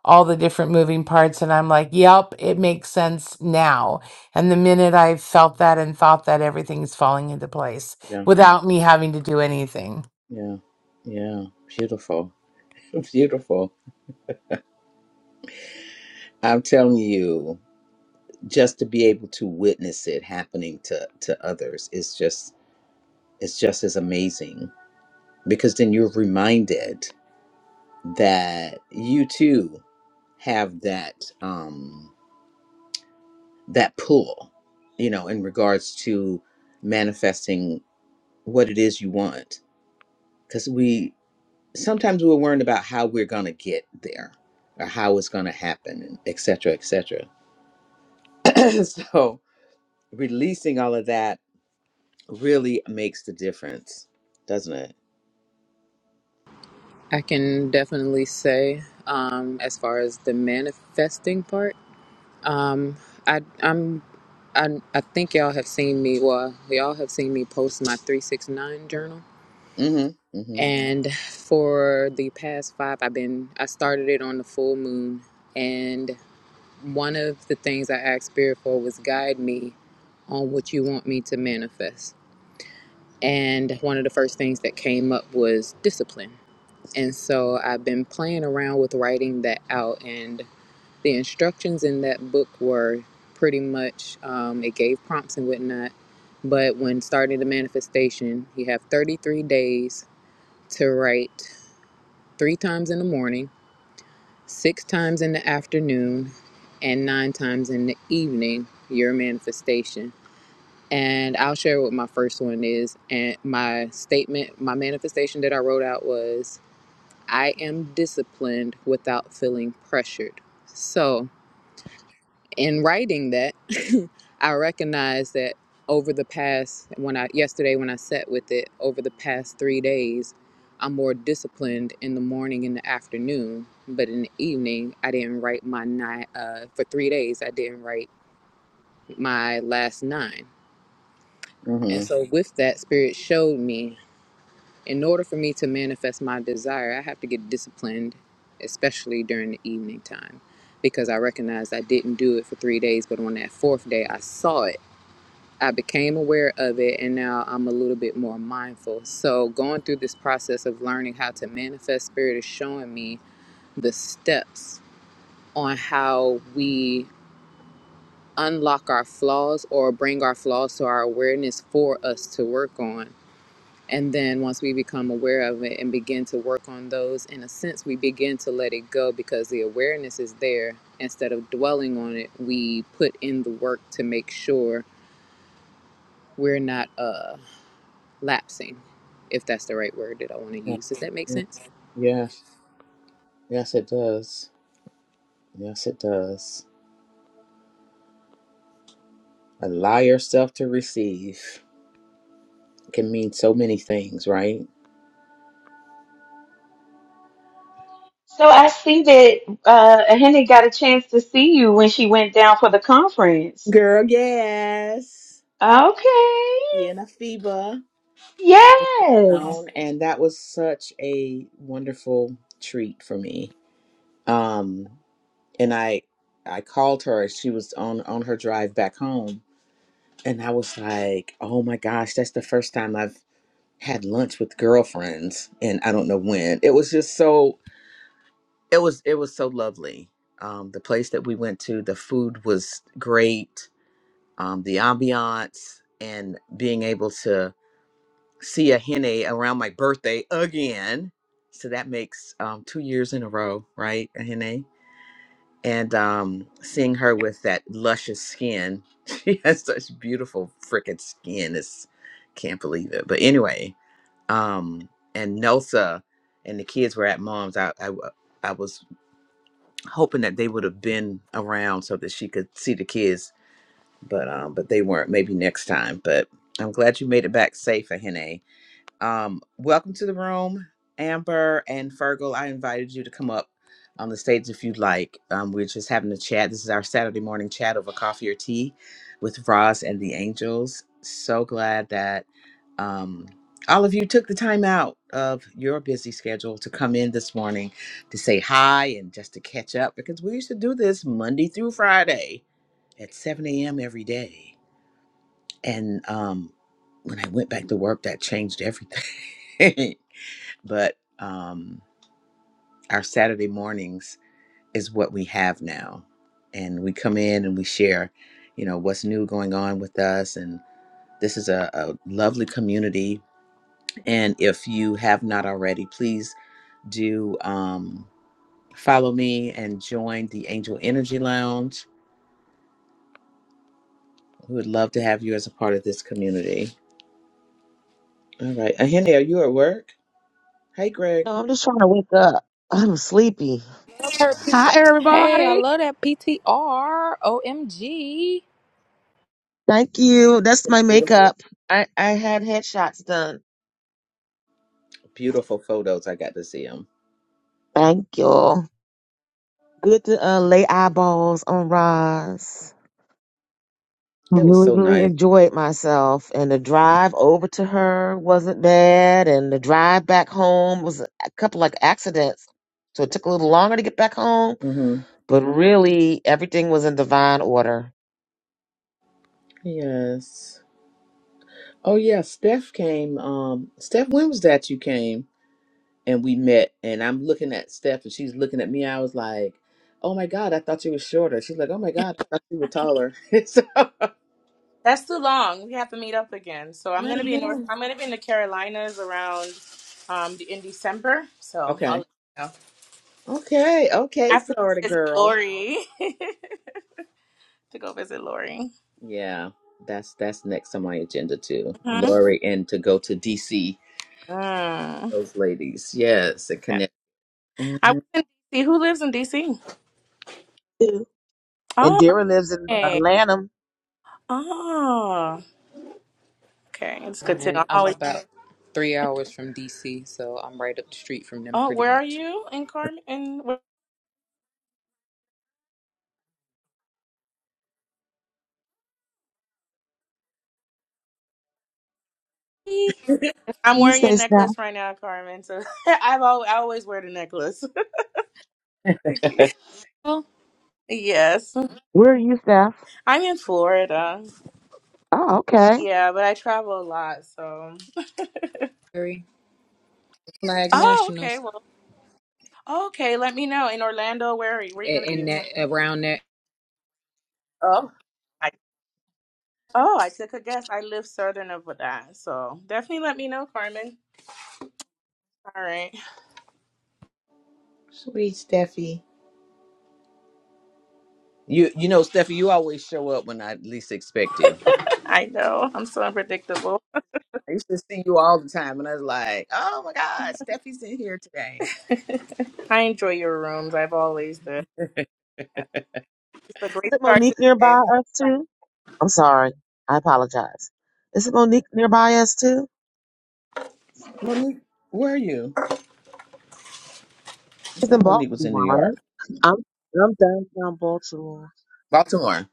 all the different moving parts and I'm like, "Yep, it makes sense now." And the minute I felt that and thought that everything's falling into place
yeah.
without me having to do anything.
Yeah, yeah, beautiful, beautiful. I'm telling you, just to be able to witness it happening to to others is just is just as amazing because then you're reminded that you too have that um that pull, you know, in regards to manifesting what it is you want. Because we sometimes we're worried about how we're gonna get there or how it's gonna happen, et cetera, et cetera so releasing all of that really makes the difference, doesn't it?
I can definitely say, um, as far as the manifesting part, um, I, I'm, I, I think y'all have seen me. Well, y'all have seen me post my three six nine journal
Mm-hmm. Mm-hmm.
And for the past five, I've been, I started it on the full moon. And one of the things I asked Spirit for was guide me on what you want me to manifest. And one of the first things that came up was discipline. And so I've been playing around with writing that out. And the instructions in that book were pretty much, um, it gave prompts and whatnot. But when starting the manifestation, you have 33 days to write three times in the morning, six times in the afternoon, and nine times in the evening, your manifestation. And I'll share what my first one is. And my statement, my manifestation that I wrote out was I am disciplined without feeling pressured. So, in writing that, I recognize that over the past when I yesterday when I sat with it over the past three days, I'm more disciplined in the morning and the afternoon. But in the evening, I didn't write my nine uh, for three days. I didn't write my last nine, and
Mm-hmm.
so with that, spirit showed me in order for me to manifest my desire, I have to get disciplined, especially during the evening time, because I recognized I didn't do it for three days. But on that fourth day, I saw it I became aware of it and now I'm a little bit more mindful. So, going through this process of learning how to manifest spirit is showing me the steps on how we unlock our flaws or bring our flaws to our awareness for us to work on. And then once we become aware of it and begin to work on those, in a sense, we begin to let it go because the awareness is there. Instead of dwelling on it, we put in the work to make sure we're not uh lapsing, if that's the right word that I want to use. Does that make
Yeah.
sense?
Yes. Yes, it does. Yes, it does. Allow yourself to receive can mean so many things, right?
So I see that uh, Henny got a chance to see you when she went down for the conference.
Girl, yes.
Okay.
Sienna Fiba.
Yes.
Um, And that was such a wonderful treat for me. Um, and I I called her. She was on on her drive back home, And I was like, oh my gosh, that's the first time I've had lunch with girlfriends and I don't know when. It was just so it was it was so lovely. Um the place that we went to, the food was great. Um the ambiance and being able to see a hene around my birthday again. So that makes um 2 years in a row, right? A hene. and um seeing her with that luscious skin she has such beautiful freaking skin it's can't believe it but anyway um and nelsa and the kids were at mom's i i, w- I was hoping that they would have been around so that she could see the kids but um but they weren't maybe next time but i'm glad you made it back safe Ahene. Um, welcome to the room, Amber and Fergal. I invited you to come up on the stage if you'd like. Um, we're just having a chat. This is our Saturday morning chat over coffee or tea with Roz and the Angels. So glad that um, all of you took the time out of your busy schedule to come in this morning to say hi and just to catch up because we used to do this Monday through Friday at 7 a.m. every day. And um, when I went back to work, that changed everything. but um, our Saturday mornings is what we have now. And we come in and we share, you know, what's new going on with us. And this is a, a lovely community. And if you have not already, please do um, follow me and join the Angel Energy Lounge. We would love to have you as a part of this community. All right. Ahene, are you at work? Hey, Greg.
No, I'm just trying to wake up. I'm sleepy.
Love her P-
Hi,
Hey, I
everybody.
love that PTR. OMG.
Thank you. That's my
Beautiful.
makeup. I, I had headshots done.
Beautiful photos. I got to see them.
Thank you. Good to uh, lay eyeballs on Roz.
It was
Really,
so
really
nice.
enjoyed myself. And the drive over to her wasn't bad. And the drive back home was a couple like accidents. So it took a little longer to get back home.
hmm
But really, everything was in divine order.
Yes. Oh yeah, Steph came. Um, Steph, when was that you came and we met? And I'm looking at Steph, and she's looking at me. I was like, "Oh my God, I thought you were shorter." She's like, "Oh my God, I thought you were taller." so
That's too long. We have to meet up again. So I'm
I
gonna be in North.
know.
I'm gonna be in the Carolinas around um the- in December. So I'll
Okay.
let you know.
Okay.
I
Okay,
have to
Florida
visit
girl.
Lori to go visit Lori.
Yeah, that's that's next on my agenda too.
hmm
Lori and to go to DC.
Mm.
Those ladies, yes, and
Yeah,
connect.
I was
Mhm.
in DC. Who lives in DC?
And
Oh,
Dara lives in uh,
okay.
Lanham.
Oh, okay. It's good to know.
And
I'm
I'm
always.
about three hours from DC, so I'm right up the street from them
Oh,
pretty
where are
much.
you in Carmen? In where-
What
I'm
do you
wearing your
say, Steph?
necklace right now, Carmen. So I've always, I always wear the necklace. Thank you.
Oh,
Yes,
Where are you, Steph?
I'm in Florida.
Oh, okay. Is
Yeah, but I travel a lot, so.
Very flag
Oh, okay.
nationals
Well, okay. Let me know in Orlando. Where are you, where you gonna
A-
be?
in that
My-
around that.
Oh, I oh I took a guess. I live southern of that, so definitely let me know, Carmen. All right.
Sweet Steffi. You you know, Steffi, you always show up when I least expect you.
I know I'm so unpredictable.
I used to see you all the time, and I was like, "Oh my God, Steffi's in here today."
I enjoy your rooms. I've always did. It's a great
it
start to the
Monique
day.
nearby us too? I'm sorry. I apologize. Is it Monique nearby us too?
Monique, where are you? I
She's in
thought Monique was in New
Baltimore. right?
York,
I'm I'm downtown Baltimore.
Baltimore.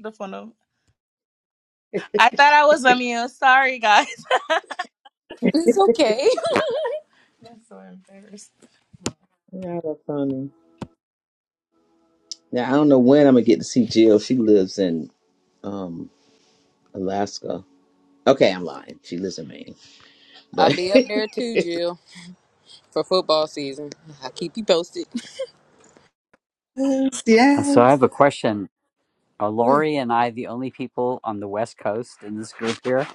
The phone. off. I thought I was on mute. Sorry, guys.
It's okay.
That's so embarrassing.
Yeah, that funny. Yeah, I don't know when I'm gonna get to see Jill. She lives in um Alaska. Okay, I'm lying. She lives in Maine,
I'll
but
be up there too, Jill, for football season. I'll keep you posted.
Yes,
Uh, so I
yes.
have a question. Are
Where?
Lori and I the only people on the West Coast in this group here?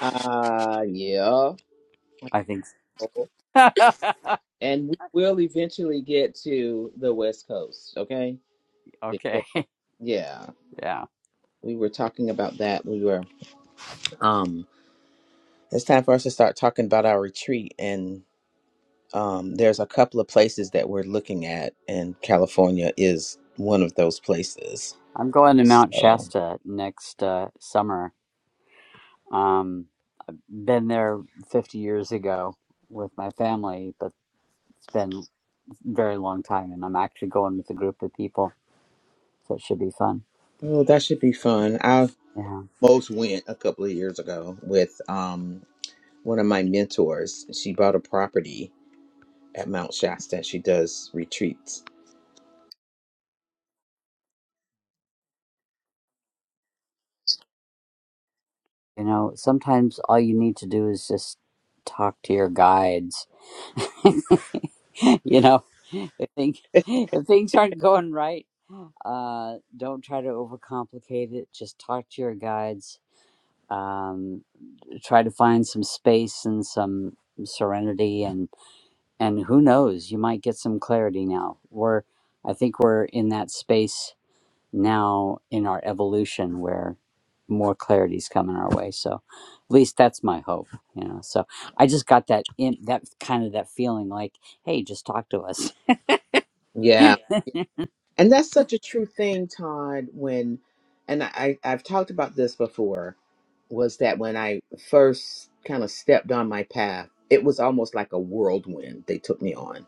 uh yeah.
I think. So.
And we will eventually get to the West Coast. Okay,
okay,
Yeah,
yeah,
we were talking about that. We were um it's time for us to start talking about our retreat and um there's a couple of places that we're looking at and California is one of those places.
I'm going to Mount
So,
Shasta next uh, summer. Um, been there 50 years ago with my family, but it's been a very long time, and I'm actually going with a group of people, so it should be fun.
oh, that should be fun. I
Yeah.
most went a couple of years ago with um one of my mentors. She bought a property at Mount Shasta. She does retreats.
You know, sometimes all you need to do is just talk to your guides. you know, if things, if things aren't going right, uh, don't try to overcomplicate it. Just talk to your guides. Um, try to find some space and some serenity and. and who knows you might get some clarity now we're i think we're in that space now in our evolution where more clarity's coming our way so at least that's my hope you know so i just got that in that kind of that feeling like hey just talk to us
Yeah. And that's such a true thing, Todd, when and I I- I've talked about this before was that when I first kind of stepped on my path, it was almost like a whirlwind they took me on.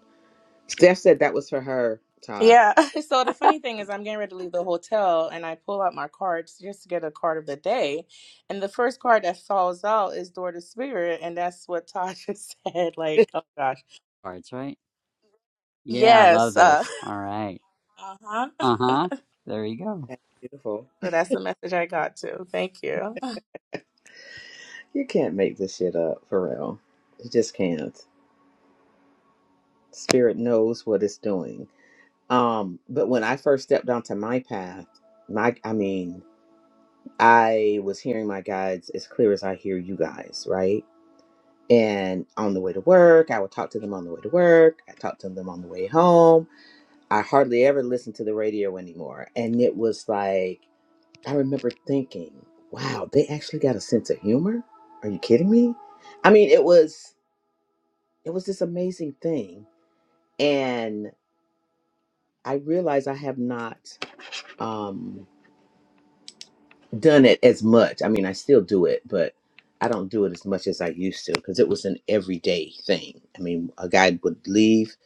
Steph said that was for her, Todd.
Yeah. So the funny thing is, I'm getting ready to leave the hotel and I pull out my cards just to get a card of the day. And the first card that falls out is Door to Spirit. And that's what Tasha said. Like, oh gosh.
cards right yeah i love
Yes. Uh
those all right
huh. so
uh-huh there you go
That's beautiful.
that's the message I got too. Thank you.
You can't make this shit up for real. You just can't. Spirit knows what it's doing. Um, but when I first stepped onto my path, my I mean, I was hearing my guides as clear as I hear you guys, right? And on the way to work, I would talk to them on the way to work. I talked to them on the way home. I hardly ever listened to the radio anymore. And it was like, I remember thinking, wow, they actually got a sense of humor? Are you kidding me? I mean, it was it was this amazing thing. And I realized I have not um done it as much. I mean, I still do it, but I don't do it as much as I used to because it was an everyday thing. I mean, a guide would leave,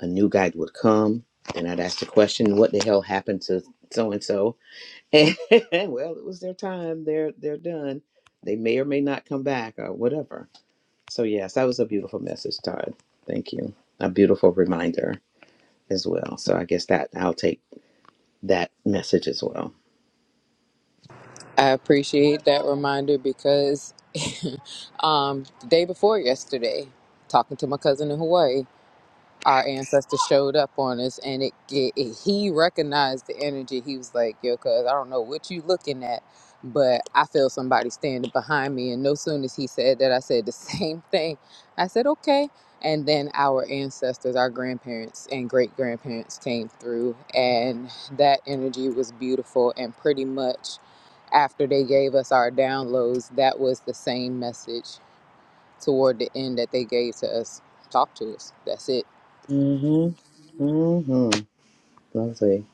a new guide would come, and I'd ask the question, "What the hell happened to so and so?" And well, it was their time. They're they're done. They may or may not come back or whatever. So yes, that was a beautiful message, Todd. Thank you. A beautiful reminder as well. So I guess that I'll take that message as well.
I appreciate that reminder because um, the day before yesterday, talking to my cousin in Hawaii, our ancestor showed up on us and it, it, it- he recognized the energy he was like yo cuz i don't know what you looking at but i feel somebody standing behind me and no soon as he said that i said the same thing i said okay and then our ancestors our grandparents and great grandparents came through and that energy was beautiful and pretty much after they gave us our downloads that was the same message toward the end that they gave to us talk to us that's it
Mhm. Mhm. Lovely.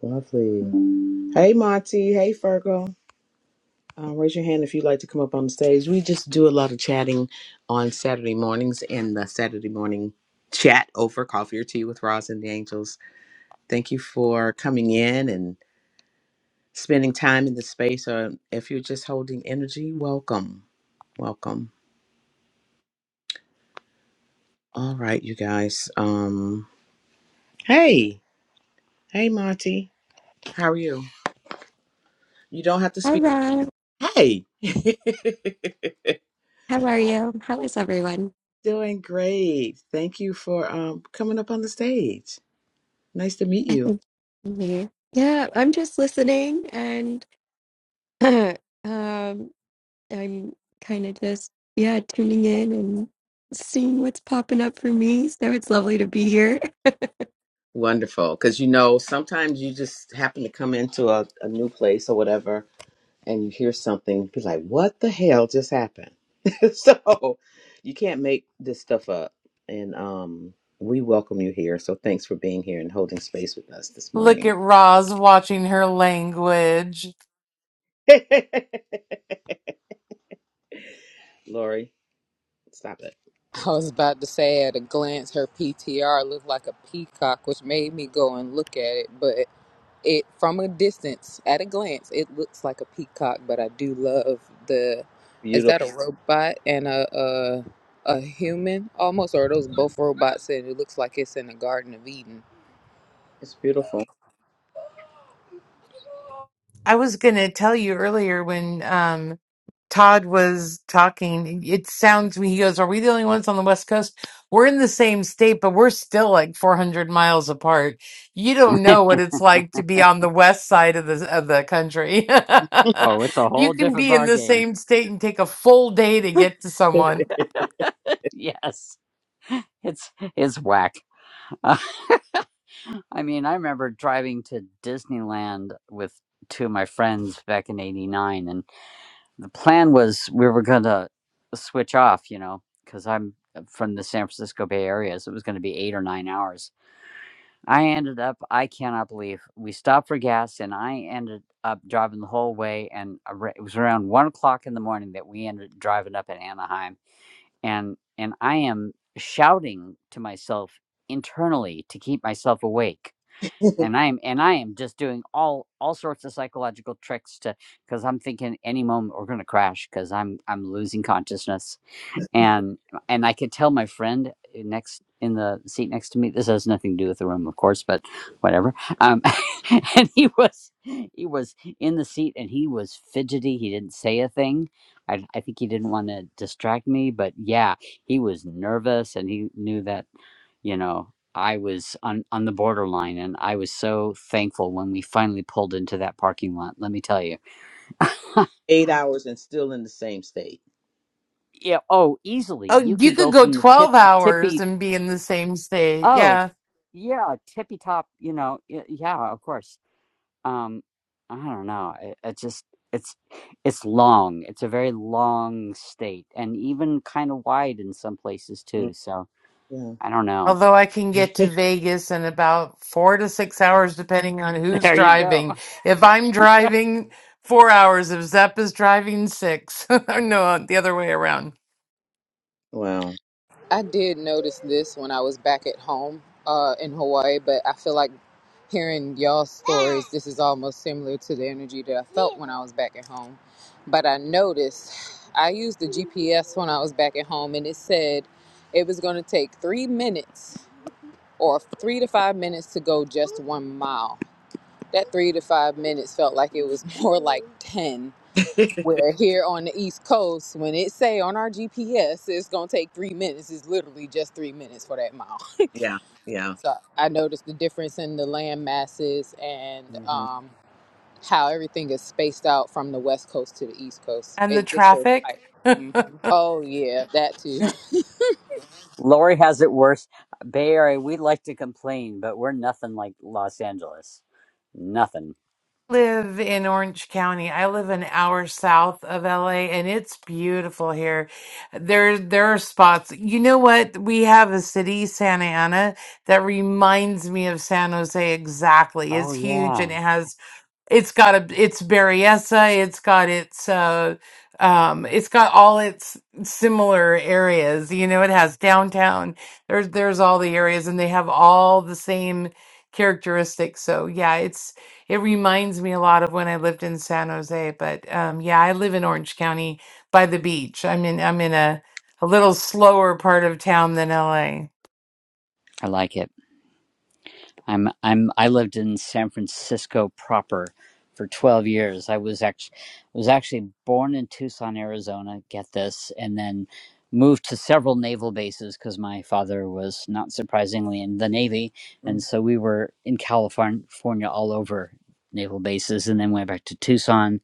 Lovely. Hey Monty. Hey Fergal. Uh, raise your hand if you'd like to come up on the stage. We just do a lot of chatting on Saturday mornings in the Saturday morning chat over coffee or tea with Roz and the Angels. Thank you for coming in and spending time in the space. Or if you're just holding energy, welcome. Welcome. All right, you guys. Um, hey. Hey, Monty. How are you? You don't have to
Hi,
speak.
Ron.
Hey.
How are you? How is everyone?
Doing great. Thank you for um coming up on the stage. Nice to meet
I
you.
think I'm here. Yeah, I'm just listening and um, I'm kind of just, yeah, tuning in and seeing what's popping up for me. So it's lovely to be here.
Wonderful. Because you know, sometimes you just happen to come into a, a new place or whatever and you hear something, be like, what the hell just happened? so you can't make this stuff up. And um we welcome you here. So thanks for being here and holding space with us this
Look
morning.
at Roz watching her language.
Lori, stop
I was about to say at a glance, her PTR looked like a peacock, which made me go and look at it. But it, from a distance, at a glance, it looks like a peacock. But I do love the.
it.
Is that a robot and a a, a human almost, or are those both robots? And it looks like it's in the Garden of Eden.
It's beautiful.
I was going to tell you earlier when um, Todd was talking, it sounds, he goes, Are we the only ones on the West Coast? We're in the same state, but we're still like 400 miles apart. You don't know what it's like to be on the west side of the, of the country.
oh it's a
you
whole
can
different
be in
bar
the
game
same state and take a full day to get to someone.
yes it's it's whack I mean, I remember driving to Disneyland with two of my friends back in '89, and the plan was we were going to switch off, you know, because I'm from the San Francisco Bay Area, so it was going to be eight or nine hours. I ended up, I cannot believe, we stopped for gas, and I ended up driving the whole way, and ar- it was around one o'clock in the morning that we ended up driving up in Anaheim, and and I am shouting to myself internally to keep myself awake and i'm and i am just doing all all sorts of psychological tricks to because i'm thinking any moment we're going to crash because i'm i'm losing consciousness and and i could tell my friend eh, next in the seat next to me this has nothing to do with the room of course but whatever um and he was he was in the seat and he was fidgety he didn't say a thing i, I think he didn't want to distract me but yeah he was nervous and he knew that you know i was on on the borderline and i was so thankful when we finally pulled into that parking lot let me tell you
Eight hours and still in the same state.
yeah oh easily
Oh,
you
you
could
could
go
go
from the tip
12 hours
tippy
and be in the same state.
oh
Yeah.
yeah tippy top you know y- yeah of course um i don't know it, it just it's it's long it's a very long state and even kind of wide in some places
Mm,
too so
Yeah.
i don't know
Although I can get to Vegas in about four to six hours, depending on who's
there you go
driving. If I'm driving, four hours. If Zepp is driving, six. no, the other way around.
Wow.
I did notice this when I was back at home uh, in Hawaii, but I feel like hearing y'all's stories, this is almost similar to the energy that I felt when I was back at home. But I noticed I used the GPS when I was back at home, and it said it was going to take three minutes or three to five minutes to go just one mile. That three to five minutes felt like it was more like 10. Where here on the East Coast, when it say on our GPS, it's going to take three minutes, it's literally just three minutes for that mile.
Yeah. Yeah.
So I noticed the difference in the land masses and
hmm
um, how everything is spaced out from the west coast to the east coast.
And the
It just goes
traffic?
like, hmm oh yeah, that too.
Lori has it worse. Bay Area, we like to complain, but we're nothing like Los Angeles. Nothing.
live in Orange County. I live an hour south of LA and it's beautiful here. There there are spots. You know what? We have a city, Santa Ana, that reminds me of San Jose exactly. It's
Oh
huge and it
yeah.
has it's got a its Berryessa, it's got its uh um it's got all its similar areas. You know, it has downtown. There's there's all the areas and they have all the same characteristics. So yeah, it's it reminds me a lot of when I lived in San Jose, but um yeah, I live in Orange County by the beach. I'm in I'm in a a little slower part of town than LA.
I like it. I'm I'm I lived in San Francisco proper for 12 years. I was actually was actually born in Tucson, Arizona, get this, and then moved to several naval bases cuz my father was not surprisingly in the navy, and so we were in California all over naval bases and then went back to Tucson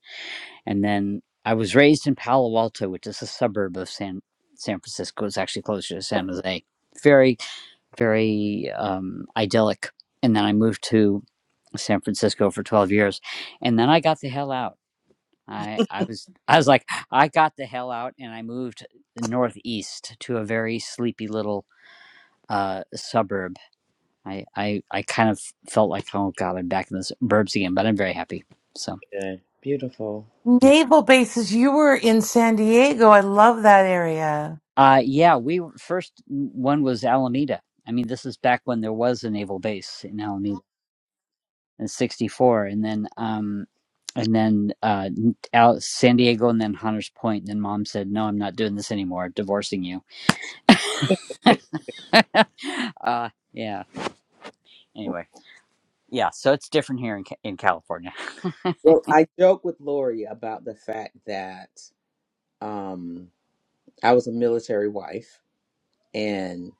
And then I was raised in Palo Alto, which is a suburb of San San Francisco. It's actually closer to San Jose. Very, very um, idyllic. And then I moved to San Francisco for 12 years, and then I got the hell out. I, I was I was like I got the hell out, and I moved northeast to a very sleepy little uh, suburb. I, I I kind of felt like oh god, I'm back in the suburbs again, but I'm very happy. So.
Okay. Beautiful.
yeah.
Naval bases, you were in San Diego. I love that area.
Uh, yeah, we were- first one was Alameda. I mean, this is back when there was a naval base in Alameda in '64, and then um, and then uh, n- out San Diego, and then Hunters Point. And then Mom said, "No, I'm not doing this anymore. Divorcing you." uh, yeah. Anyway, yeah. So it's different here in Ca- in California.
Well, I joke with Lori about the fact that um, I was a military wife and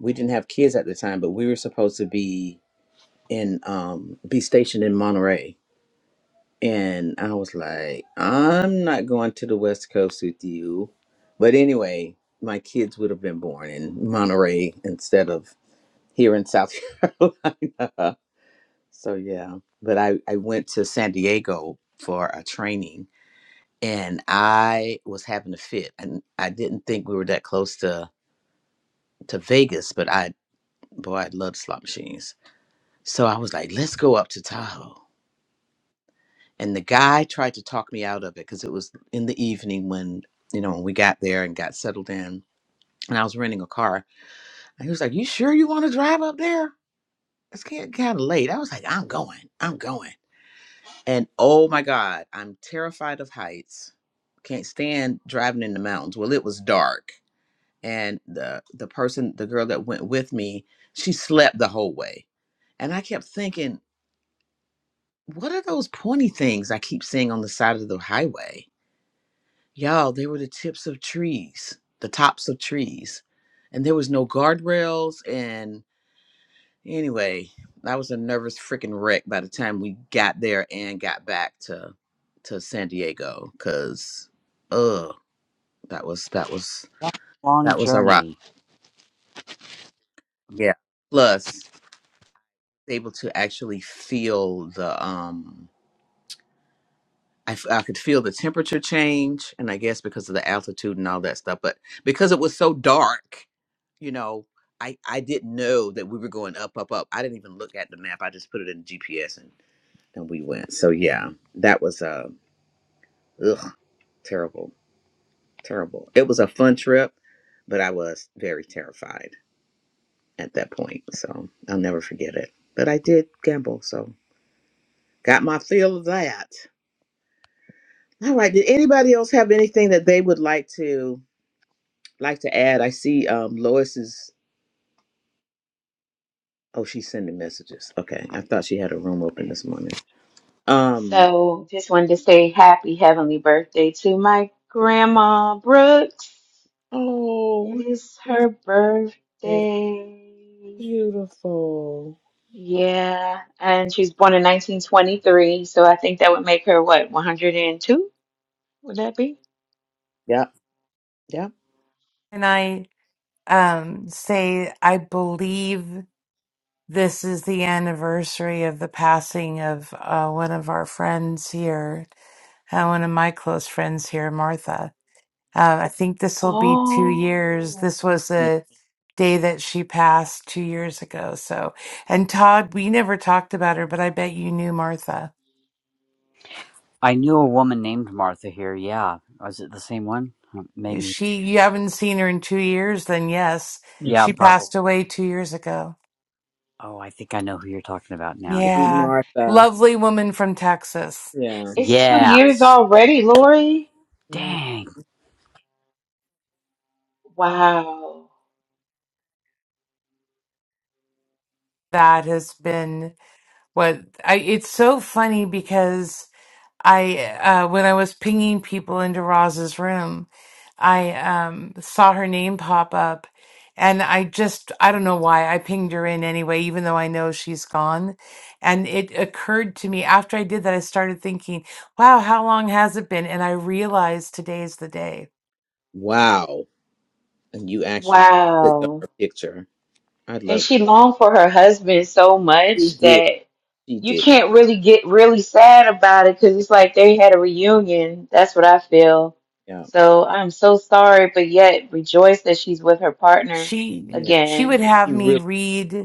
we didn't have kids at the time, but we were supposed to be in um, be stationed in Monterey. And I was like, I'm not going to the West Coast with you. But anyway, my kids would have been born in Monterey instead of here in South Carolina. So yeah. But I, I went to San Diego for a training and I was having a fit. And I didn't think we were that close to to Vegas, but I boy, I love slot machines. So I was like, let's go up to Tahoe. And the guy tried to talk me out of it because it was in the evening when you know when we got there and got settled in, and I was renting a car. And he was like, "You sure you want to drive up there? It's getting kind of late." I was like, "I'm going, I'm going." And oh my God, I'm terrified of heights. Can't stand driving in the mountains. Well, it was dark and the the person the girl that went with me she slept the whole way and i kept thinking what are those pointy things i keep seeing on the side of the highway y'all they were the tips of trees the tops of trees and there was no guardrails and anyway i was a nervous freaking wreck by the time we got there and got back to to san diego because uh that was that was
Long
that was a rock
journey.
yeah plus able to actually feel the um I, f- I could feel the temperature change and i guess because of the altitude and all that stuff but because it was so dark you know i i didn't know that we were going up up up i didn't even look at the map i just put it in gps and then we went so yeah that was uh ugh, terrible terrible it was a fun trip but i was very terrified at that point so i'll never forget it but i did gamble so got my fill of that All right. Did anybody else have anything that they would like to like to add? I see um Lois is oh she's sending messages. Okay. I thought she had a room open this morning. Um
So just wanted to say happy heavenly birthday to my grandma Brooks. It
Oh,
is
it's
her birthday.
beautiful.
Yeah, and she was born in 1923, so I think that would make her what, 102? Would that be?
Yep. Yep.
And I um, say, I believe this is the anniversary of the passing of uh, one of our friends here, uh, one of my close friends here, Martha. Uh, I think this will be two years.
Oh,
This was
Yeah.
a day that she passed two years ago. So, and Todd, we never talked about her, but I bet you knew Martha.
I knew a woman named Martha here. Yeah, was it the same one? Hmm,
Is
Maybe.
She, you haven't seen her in two years, then yes,
Sweet
Yeah,
she
probably.
passed away two years ago.
Oh, I think I know who you're talking about now. Yeah.
Yeah.
Martha.
Lovely woman from Texas.
Yeah.
it's two
Yeah.
years already, Lori.
Mm.
Dang,
Wow.
that has been what I it's so funny because I uh when I was pinging people into Roz's room, I um saw her name pop up and I just I don't know why I pinged her in anyway even though I know she's gone and it occurred to me after I did that I started thinking, wow, how long has it been? And I realized today's the day.
Wow. And you actually clicked on
Wow.
her picture. I
And
love
she longed for her husband so
She
much
did.
that
She
you
did.
can't really get really sad about it because it's like they had a reunion. That's what I feel.
Yeah.
So I'm so sorry, but yet rejoice that she's with her partner
She
Yeah.
she would
again.
have
She
me
really
read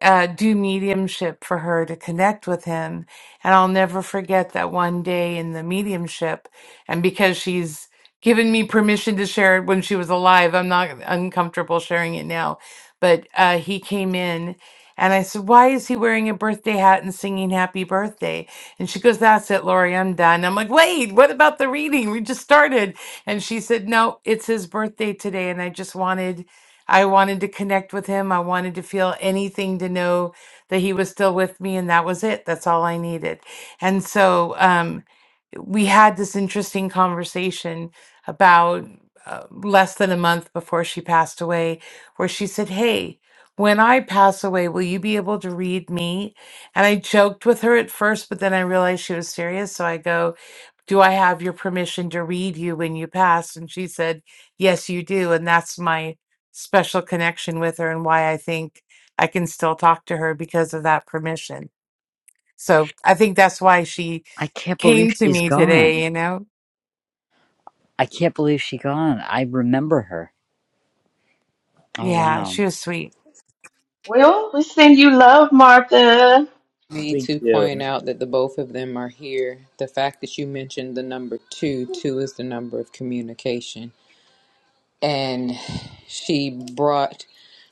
uh, do mediumship for her to connect with him. And I'll never forget that one day in the mediumship. And because she's given me permission to share it when she was alive, I'm not uncomfortable sharing it now. But uh, he came in and I said, Why is he wearing a birthday hat and singing happy birthday? And she goes, That's it, Lori, I'm done. I'm like, Wait, what about the reading? We just started. And she said, No, it's his birthday today. And I just wanted I wanted to connect with him. I wanted to feel anything to know that he was still with me, and that was it. That's all I needed. And so um, we had this interesting conversation about uh, less than a month before she passed away, where she said, Hey, when I pass away, will you be able to read me? And I joked with her at first, but then I realized she was serious. So I go, do I have your permission to read you when you pass? And she said, yes, you do. And that's my special connection with her and why I think I can still talk to her because of that permission. So I think that's why she
I can't
came
believe
to
she's
me today,
gone.
you know?
I can't believe she has gone. I remember her. Oh
Yeah,
wow.
she was sweet.
Well, we send you love, Martha.
Need
we
to point
do.
out that the both of them are here. The fact that you mentioned the number two, two is the number of communication, and she brought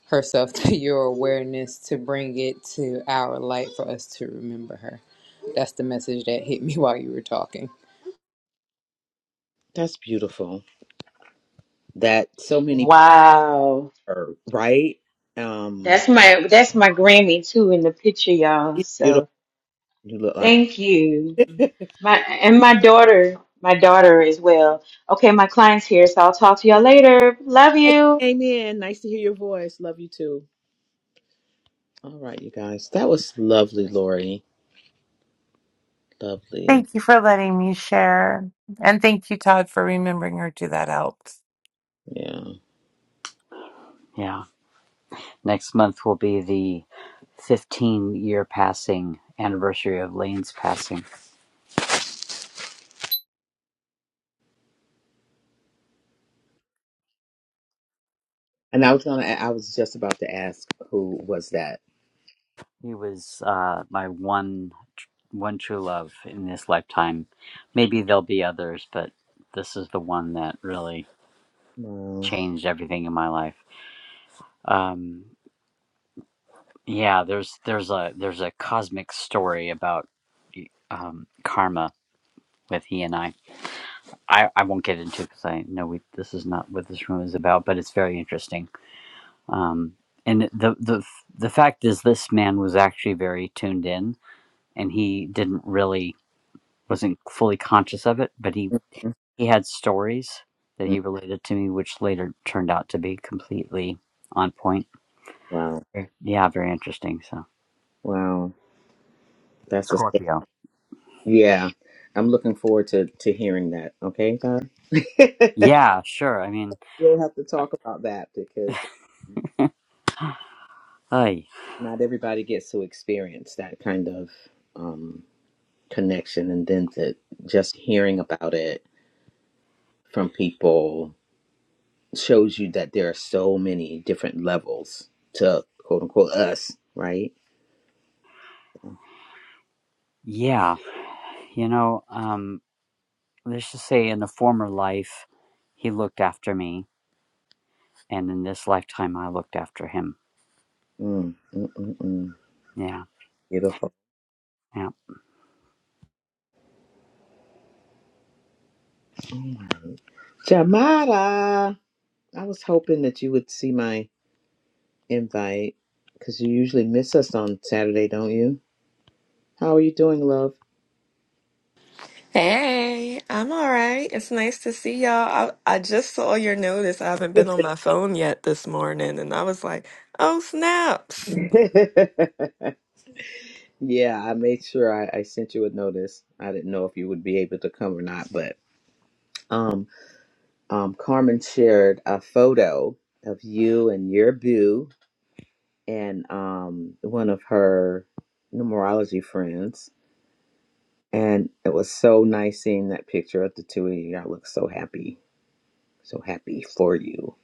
herself to your awareness to bring it to our light for us to remember her. That's the message that hit me while you were talking.
That's beautiful. That so many people.
Wow.
her, right? Um,
That's my that's my Grammy too in the picture, y'all.
she's
So
beautiful. You look like
thank you.
her.
My and my daughter, my daughter as well. Okay, my client's here, so I'll talk to y'all later. Love you.
Came in. Nice to hear your voice. Love you too. All right, you guys. That was lovely, Lori. Lovely.
Thank you for letting me share. And thank you, Todd, for remembering her too. That helped.
Yeah.
Yeah. Next month will be the 15 year passing anniversary of Lane's passing.
And I was gonna. I was just about to ask who was that.
He was uh my one one true love in this lifetime. Maybe there'll be others, but this is the one that really
Wow.
changed everything in my life. Um yeah, there's there's a there's a cosmic story about um karma with he and I I, I won't get into because I know we, this is not what this room is about, but it's very interesting. Um, and the the the fact is, this man was actually very tuned in, and he didn't really wasn't fully conscious of it, but he he had stories that
Mhm.
he related to me, which later turned out to be completely on point.
Wow.
Okay. Yeah, very interesting. So
Wow. That's a.
Scorpio.
Yeah. I'm looking forward to to hearing that. Okay, Todd.
Yeah, sure. I mean,
we'll have to talk about that because
Ay,
not everybody gets to experience that kind of um connection and then to just hearing about it from people shows you that there are so many different levels to quote unquote us, right? Mm,
yeah, you know, um, let's just say in a former life, he looked after me And in this lifetime, I looked after him.
mm, mm, mm.
Yeah,
Beautiful.
yeah.
All right. Jamada, I was hoping that you would see my invite because you usually miss us on Saturday, don't you? How are you doing, love?
Hey, I'm all right. It's nice to see y'all. I, I just saw your notice. I haven't been on my phone yet this morning, and I was like, oh, snaps.
yeah, I made sure I, I sent you a notice. I didn't know if you would be able to come or not, but um. um, Carmen shared a photo of you and your boo and um, one of her numerology friends. And it was so nice seeing that picture of the two of you. Y'all look so happy, so happy for you.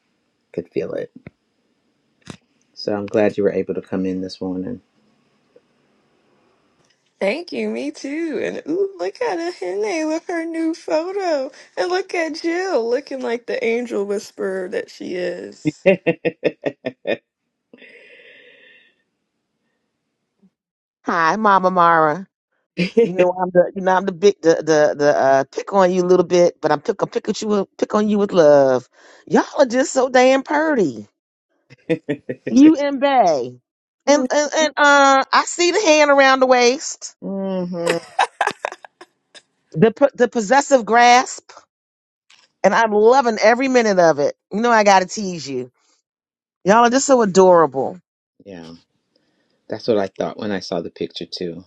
Could feel it. So I'm glad you were able to come in this morning.
Thank you, me too. And ooh, look at Ahene with her new photo. And look at Jill looking like the angel whisperer that she is.
Hi, Mama Mara. You know I'm the you know I'm the big the the, the uh pick on you a little bit, but I'm pick I'm pick at you with- pick on you with love. Y'all are just so damn purty. You and Bay. And and, and uh I see the hand around the waist.
hmm
The po- the possessive grasp, and I'm loving every minute of it. You know I gotta tease you. Y'all are just so adorable.
Yeah, that's what I thought when I saw the picture too.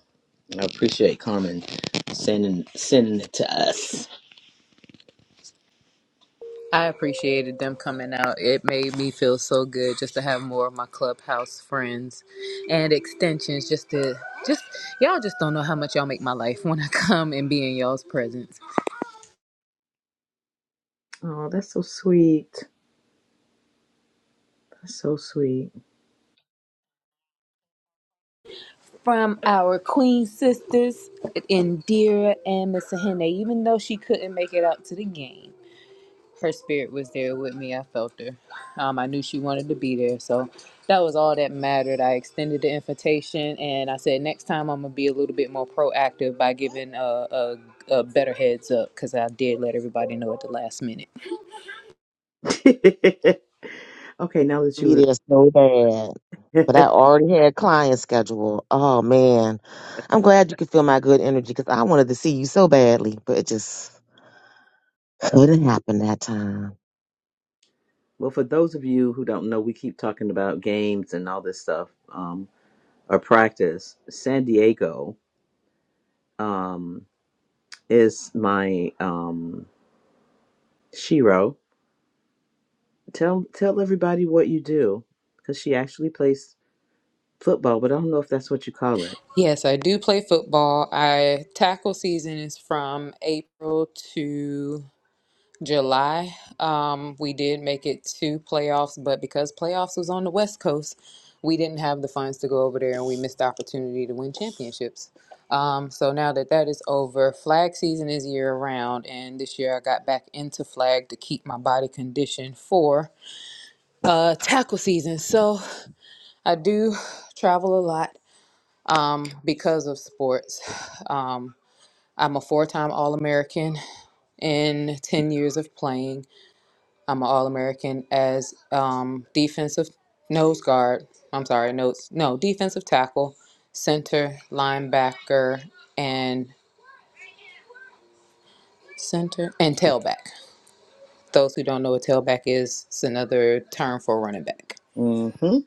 I appreciate Carmen sending sending it to us.
I appreciated them coming out. It made me feel so good just to have more of my clubhouse friends and extensions. Just to just y'all just don't know how much y'all make my life when I come and be in y'all's presence.
Oh, that's so sweet. That's So sweet.
From our queen sisters, Indira and Miss Hene, even though she couldn't make it out to the game. her spirit was there with me. I felt her. Um, I knew she wanted to be there, so that was all that mattered. I extended the invitation, and I said next time I'm gonna be a little bit more proactive by giving a, a, a better heads up because I did let everybody know at the last minute.
okay, now that
Be
you
there so bad.
were
But I already had client schedule. Oh man. I'm glad you could feel my good energy because I wanted to see you so badly, but it just couldn't happen that time.
well, for those of you who don't know, we keep talking about games and all this stuff, um, or practice. San Diego um, is my um, Shiro. Tell tell everybody what you do, because she actually plays football, but I don't know if that's what you call it.
Yes, I do play football. I tackle season is from April to July, um, we did make it to playoffs, but because playoffs was on the West Coast, we didn't have the funds to go over there and we missed the opportunity to win championships. Um, so now that that is over, flag season is year round, and this year I got back into flag to keep my body conditioned for uh, tackle season. So I do travel a lot um, because of sports. Um, I'm a four time All American in 10 years of playing. I'm an All American as um, defensive nose guard. I'm sorry, notes no defensive tackle, center, linebacker, and center and tailback. Those who don't know what tailback is, it's another term for running back.
Mm-hmm.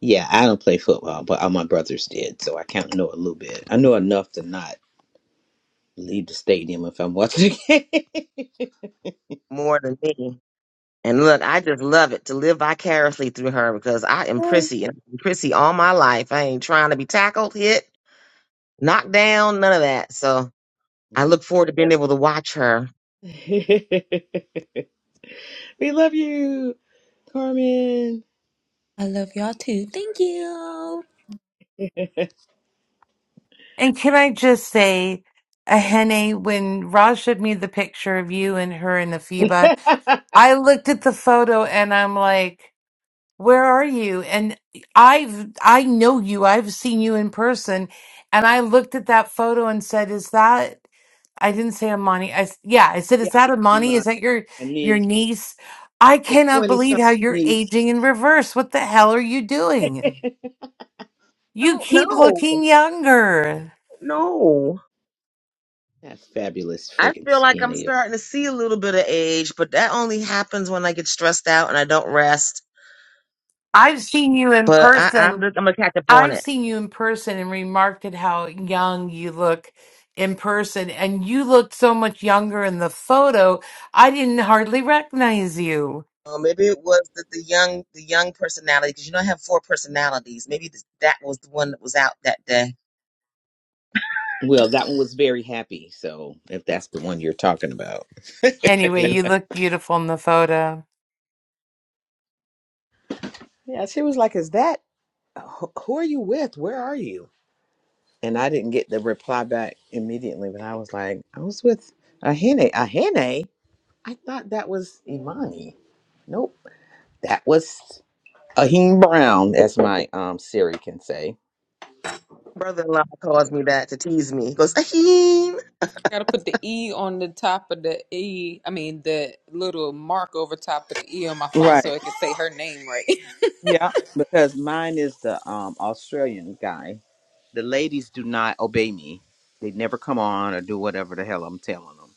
Yeah, I don't play football, but all my brothers did, so I kind of know a little bit. I know enough to not leave the stadium if I'm watching a game.
More than me. And look, I just love it to live vicariously through her because I am prissy and I've been prissy all my life. I ain't trying to be tackled, hit, knocked down, none of that. So I
Yeah.
look forward to being able to watch her.
we love you, Carmen.
I love y'all too. Thank you.
And can I just say, Ahene, when Raj showed me the picture of you and her and Afiba,
yeah.
I looked at the photo and I'm like, where are you? And I've I know you. I've seen you in person. And I looked at that photo and said, is that I didn't say Amani. I s- yeah, I said, is that
Be my,
Amani? Is that your
my
your
niece,
niece? I
the
cannot
20
believe
something
how you're
niece.
aging in reverse. What the hell are you doing? You
Don't
keep
know.
looking younger.
No.
That fabulous
I
friggin'
feel like
skin
I'm
of you.
starting to see a little bit of age, but that only happens when I get stressed out and I don't rest.
I've seen you in
But I,
person
I'm just, I'm gonna catch up on
I've
it.
seen you in person and remarked at how young you look in person, and you looked so much younger in the photo. I didn't hardly recognize you.
Uh, maybe it was the, the young the young personality because you know I have four personalities. Maybe th- that was the one that was out that day.
Well, that one was very happy. So if that's the one you're talking about.
Anyway,
Yeah.
you look beautiful in the photo.
Yeah, she was like, "Is that who who are you with? Where are you?" And I didn't get the reply back immediately, but I was like, "I was with Ahene. Ahene? I thought that was Imani. Nope, that was." Ahim Brown, as my um Siri can say.
Brother-in-law calls me that to tease me. He goes, Aheem,
Gotta put the E on the top of the E. I mean, the little mark over top of the E on my phone so
Right.
it can say her name right.
Yeah, because mine is the um Australian guy. The ladies do not obey me. They never come on or do whatever the hell I'm telling them.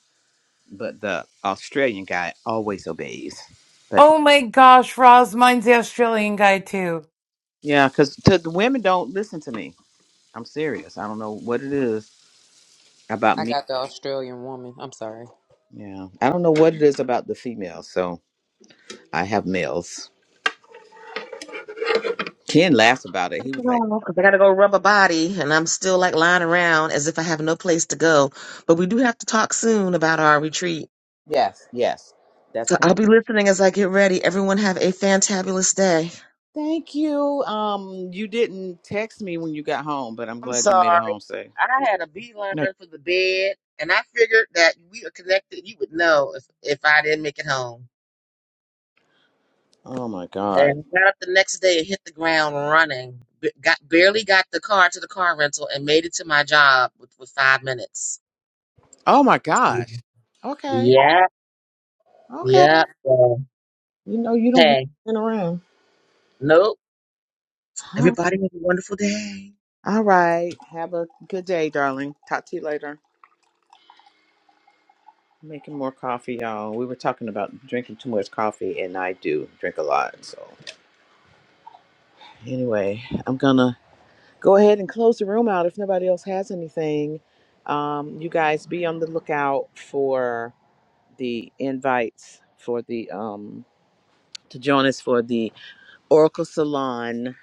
But the Australian guy always obeys. But he,
Oh my gosh, Roz, mine's the Australian guy too.
yeah, because the women don't listen to me. I'm serious. I don't know what it is about
I
me.
got the Australian woman. I'm sorry.
Yeah, I don't know what it is about the females. So I have males. Ken laughs about it. He was like,
because I gotta go rub a body, and I'm still like lying around as if I have no place to go. But we do have to talk soon about our retreat.
"Yes, yes, that's."
So I'll be listening as I get ready. Everyone have a fantabulous day.
Thank you. Um, you didn't text me when you got home, but I'm
I'm
glad you made it
sorry.
home safe.
I had a beeline
No.
run for the bed, and I figured that we are connected. You would know if, if I didn't make it home.
Oh my God.
And got up the next day and hit the ground running. B- got barely got the car to the car rental and made it to my job with, with five minutes.
Oh my
Yeah,
gosh. Okay.
yeah.
Okay.
yeah. So,
You know you don't be
Hey,
f***ing around.
nope.
Huh.
Everybody have a wonderful day.
All right. Have a good day, darling. Talk to you later. Making more coffee, y'all. We were talking about drinking too much coffee, and I do drink a lot. So, anyway, I'm gonna go ahead and close the room out if nobody else has anything. Um, you guys be on the lookout for the invites for the um to join us for the Oracle Salon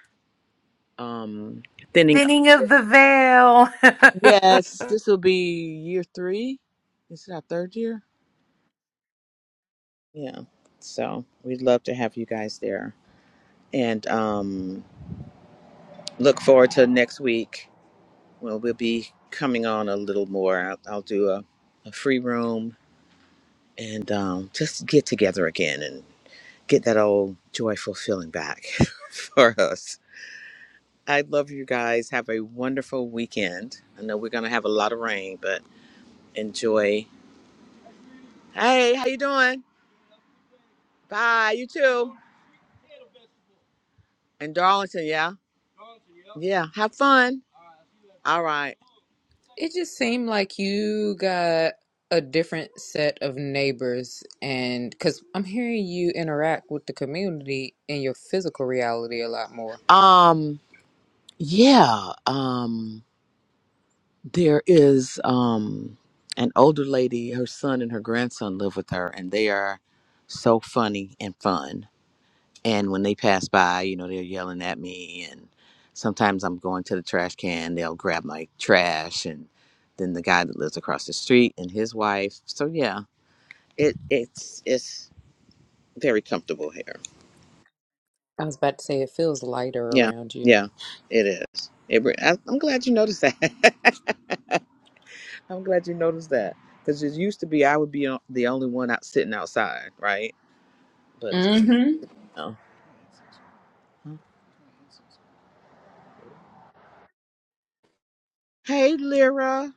um thinning up
Singing
the
of
veil.
the Veil.
Yes, this will be year three. This Is it our third year? Yeah. So we'd love to have you guys there. And um look forward to next week. Well we'll be coming on a little more. I'll, I'll do a, a free room and um just get together again and get that old joyful feeling back for us. I love you guys. Have a wonderful weekend. I know we're gonna have a lot of rain, but enjoy. Hey, how you doing? Bye. You too. In Darlington, yeah, yeah. Have fun. All right.
It just seemed like you got a different set of neighbors, and because I'm hearing you interact with the community in your physical reality a lot more.
Um, yeah. Um, there is um an older lady. Her son and her grandson live with her, and they are so funny and fun. And when they pass by, you know, they're yelling at me. And sometimes I'm going to the trash can, they'll grab my trash. And then the guy that lives across the street and his wife. So yeah, it it's it's very comfortable here.
I was about to say it feels lighter
Yeah,
around you.
yeah, it is. It, re- I, I'm glad you noticed that. I'm glad you noticed that because it used to be I would be o- the only one out sitting outside, right? But
Mm-hmm.
no. Hey, Lyra,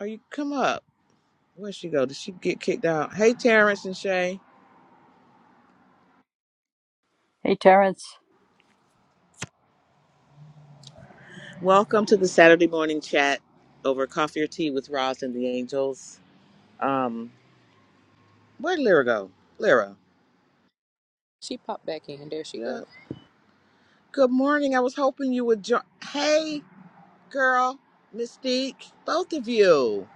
are you come up? Where'd she go? Did she get kicked out? Hey, Terrence and Shay.
Hey, Terrence.
Welcome to the Saturday morning chat over coffee or tea with Roz and the Angels. Um, where'd Lyra go? Lyra.
She popped back in. There she go.
Yeah.
Love
Good morning. I was hoping you would join. Hey, girl, Mystique, both of you.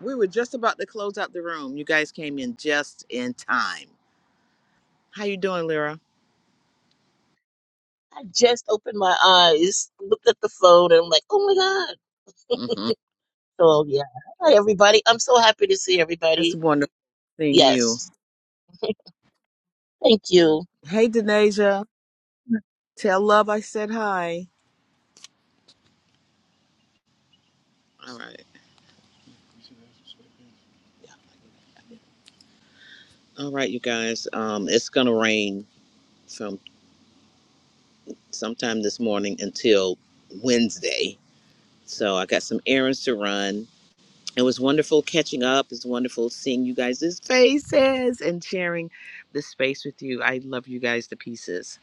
We were just about to close out the room. You guys came in just in time. How you doing, Lyra?
I just opened my eyes, looked at the phone, and I'm like, oh my God.
Mm-hmm.
So, yeah. Hi, everybody. I'm so happy to see
That's
everybody.
wonderful seeing you.
Yes. Thank you.
Hey, Denasia. Tell love I said hi. All right. All right, you guys. Um, it's gonna rain from sometime this morning until Wednesday. So I got some errands to run. It was wonderful catching up. It's wonderful seeing you guys' faces and sharing this space with you. I love you guys to pieces.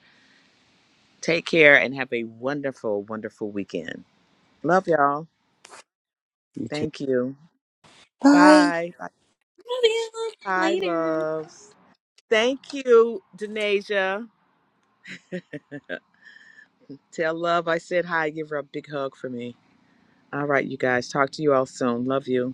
Take care and have a wonderful, wonderful weekend. Love y'all.
You too.
Thank you.
Bye.
Bye. Bye,
you.
bye
Later.
loves. Thank you, Danasia. Tell love I said hi. Give her a big hug for me. All right, you guys. Talk to you all soon. Love you.